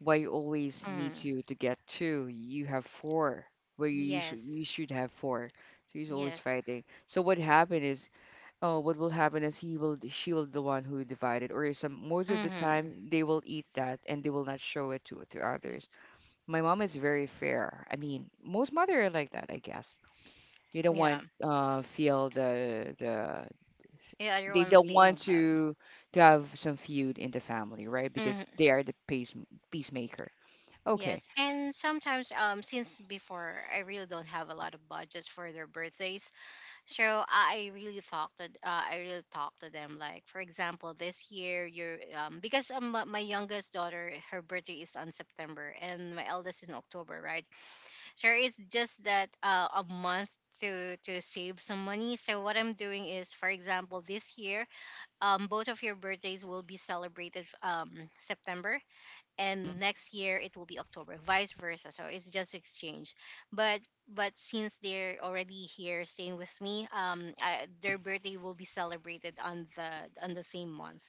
S1: why you always need
S2: Mm.
S1: to get two? You have four, where
S2: Yes,
S1: you should have four. So he's always
S2: yes.
S1: fighting. So what happened is, oh, what will happen is he will, she will the one who divided, or some most of the
S2: Hmm.
S1: time they will eat that and they will not show it to others. My mom is very fair. I mean, most mother are like that, I guess. They don't
S2: Yeah,
S1: want feel the,
S2: yeah. You're
S1: they
S2: one
S1: don't
S2: being
S1: want
S2: loved.
S1: to have some feud in the family, right? Because
S2: Mm-hmm.
S1: they are the peacemaker. Okay.
S2: Yes, and sometimes since before I really don't have a lot of budgets for their birthdays, so I really talk to them. Like, for example, this year you're because, my my youngest daughter, her birthday is on September, and my eldest is in October, right? So it's just that a month to save some money. So what I'm doing is, for example, this year, both of your birthdays will be celebrated September, and next year it will be October, vice versa. So it's just exchange. But but since they're already here staying with me, I, their birthday will be celebrated on the same month,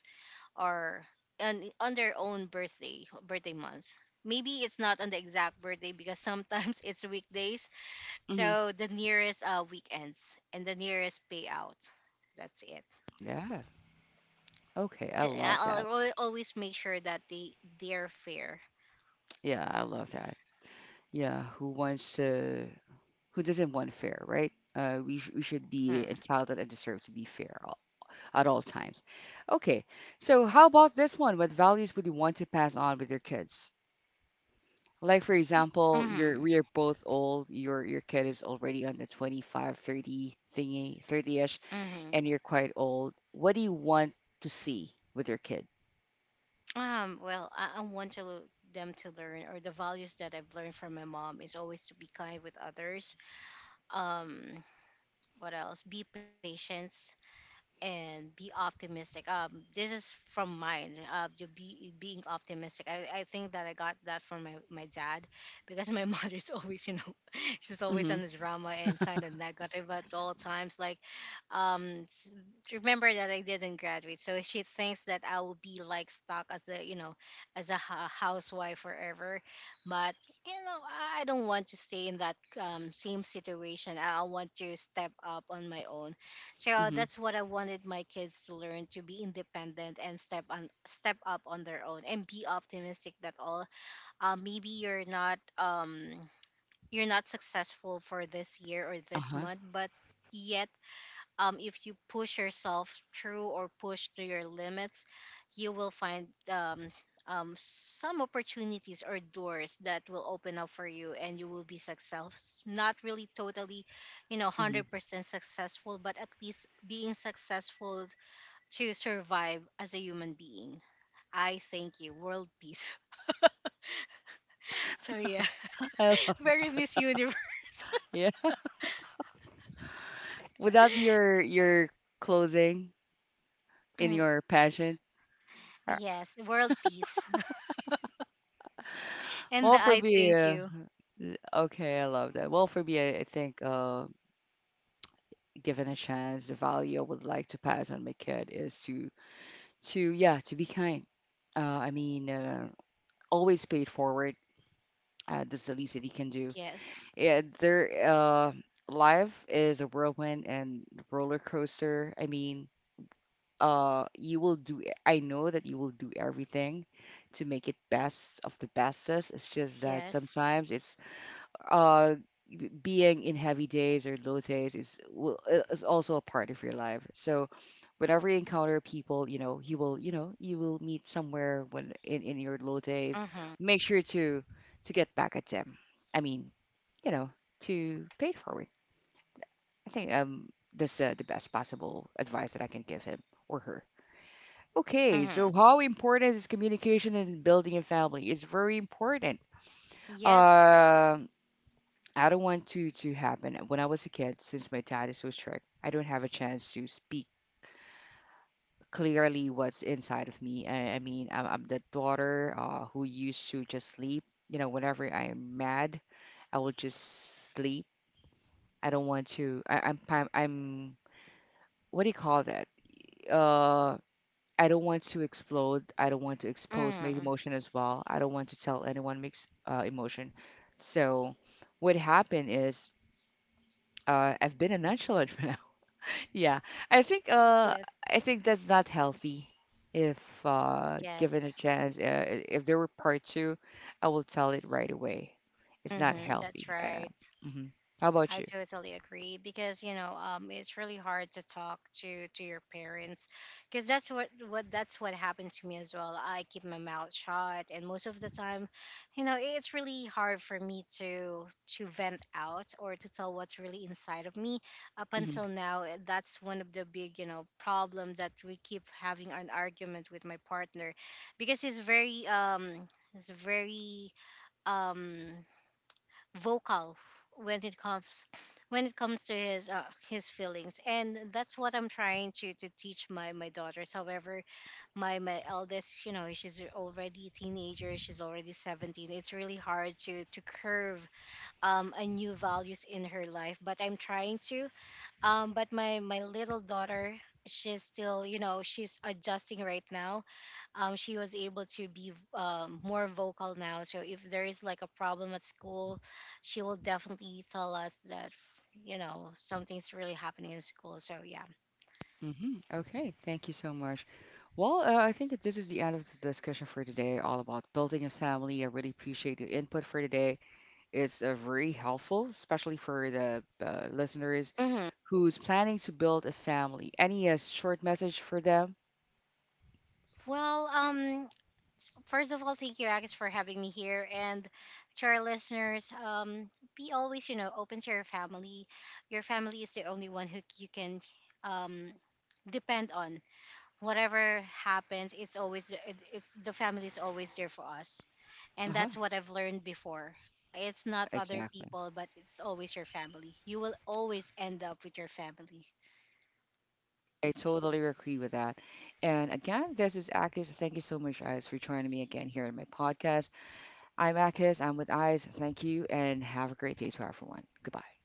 S2: or on their own birthday months. Maybe it's not on the exact birthday because sometimes (laughs) it's weekdays.
S1: Mm-hmm.
S2: So the nearest weekends and the nearest payout. That's it.
S1: Yeah. Okay. I love that.
S2: Always make sure that they're fair.
S1: Yeah, I love that. Yeah. Who wants to? Who doesn't want fair, right? We should be
S2: Mm.
S1: entitled and deserve to be fair at all times. Okay, so how about this one? What values would you want to pass on with your kids? Like for example, you're
S2: Mm-hmm.
S1: we are both old. Your kid is already on the 25, 30 thingy, 30-ish,
S2: Mm-hmm.
S1: and you're quite old. What do you want to see with your kid?
S2: Well, I want to them to learn, or the values that I've learned from my mom is always to be kind with others. Um, what else? Be patient and be optimistic. This is from mine. To be being optimistic. I think that I got that from my dad, because my (laughs) mother is always, you know, (laughs) she's always
S1: Mm-hmm.
S2: on the drama and kind of negative at all times. Like, um, s- remember that I didn't graduate, so she thinks that I will be like stuck as a, you know, as a housewife forever. But, you know, I don't want to stay in that, same situation. I want to step up on my own. So
S1: Mm-hmm.
S2: that's what I wanted my kids to learn: to be independent and step up on their own and be optimistic that all, maybe you're not you're not successful for this year or this
S1: Uh-huh.
S2: month, but yet, if you push yourself through or push to your limits, you will find, some opportunities or doors that will open up for you, and you will be successful. Not really totally, you know,
S1: Mm-hmm.
S2: 100% successful, but at least being successful to survive as a human being. I thank you. World peace. (laughs) So, yeah,
S1: (laughs) I love,
S2: (laughs) very Miss Universe.
S1: yeah. (laughs) Would that be your clothing in
S2: (laughs) (clears throat)
S1: your passion? Uh,
S2: Yes, world peace. (laughs) And
S1: Well,
S2: the
S1: for
S2: I
S1: me,
S2: thank you.
S1: Okay, I love that. Well, for me, I think given a chance, the value I would like to pass on my kid is to yeah to be kind. I mean, always pay it forward. That's the least that he can do.
S2: Yes,
S1: Yeah, their life is a whirlwind and roller coaster. I mean, you will do. I know that you will do everything to make it best of the bestest. It's just that
S2: yes.
S1: sometimes it's uh being in heavy days or low days is also a part of your life. So whenever you encounter people, you know, you know, you will meet somewhere when in your low days,
S2: Mm-hmm.
S1: make sure to get back at them. I mean, you know, to pay it forward. I think that's the best possible advice that I can give him or her. Okay,
S2: Mm-hmm.
S1: so how important is communication in building a family? It's very important.
S2: Yes.
S1: Um I don't want to happen. When I was a kid, since my dad is so strict, I don't have a chance to speak clearly what's inside of me. I mean, I'm the daughter who used to just sleep. You know, whenever I am mad, I will just sleep. I don't want to. I, I'm what do you call that? Uh, I don't want to explode. I don't want to expose my
S2: Mm.
S1: emotion as well. I don't want to tell anyone mixed emotion. So what happened is I've been a nonchalant (laughs) when I, yeah, I think uh
S2: Yes.
S1: I think that's not healthy. If given
S2: Yes.
S1: a chance, if there were part two, I will tell it right away. It's not
S2: Hmm.
S1: healthy.
S2: That's right.
S1: Hmm. How about
S2: I
S1: you?
S2: totally agree, because, you know, it's really hard to talk to your parents, because that's what that's what happened to me as well. I keep my mouth shut, and most of the time, you know, it's really hard for me to vent out or to tell what's really inside of me. Up until
S1: Hmm.
S2: now, eh, that's one of the big, you know, problem that we keep having an argument with my partner, because he's very he's very, um vocal when it comes when it comes to his, his feelings. And that's what I'm trying to teach my daughters. However, my eldest, you know, she's already a teenager, she's already 17. It's really hard to curve a new values in her life, but I'm trying to. But my little daughter, she's still, you know, she's adjusting right now. She was able to be, more vocal now. So if there is like a problem at school, she will definitely tell us that, you know, something's really happening in school. So yeah.
S1: Hmm. Okay, thank you so much. Well, I think that this is the end of the discussion for today, all about building a family. I really appreciate your input for today. It's very helpful, especially for the listeners
S2: Hmm.
S1: who's planning to build a family. Any short message for them?
S2: Well, first of all, thank you, Agnes, for having me here, and to our listeners, be always, you know, open to your family. Your family is the only one who you can, um, depend on. Whatever happens, it's always it's the family is always there for us. And
S1: Uh-huh.
S2: that's what I've learned before. It's not other
S1: Exactly.
S2: people, but it's always your family. You will always end up with your family.
S1: I totally agree with that. And again, this is Akis. Thank you so much, Eyes, for joining me again here in my podcast. I'm Akis. I'm with Eyes. Thank you, and have a great day to everyone. Goodbye.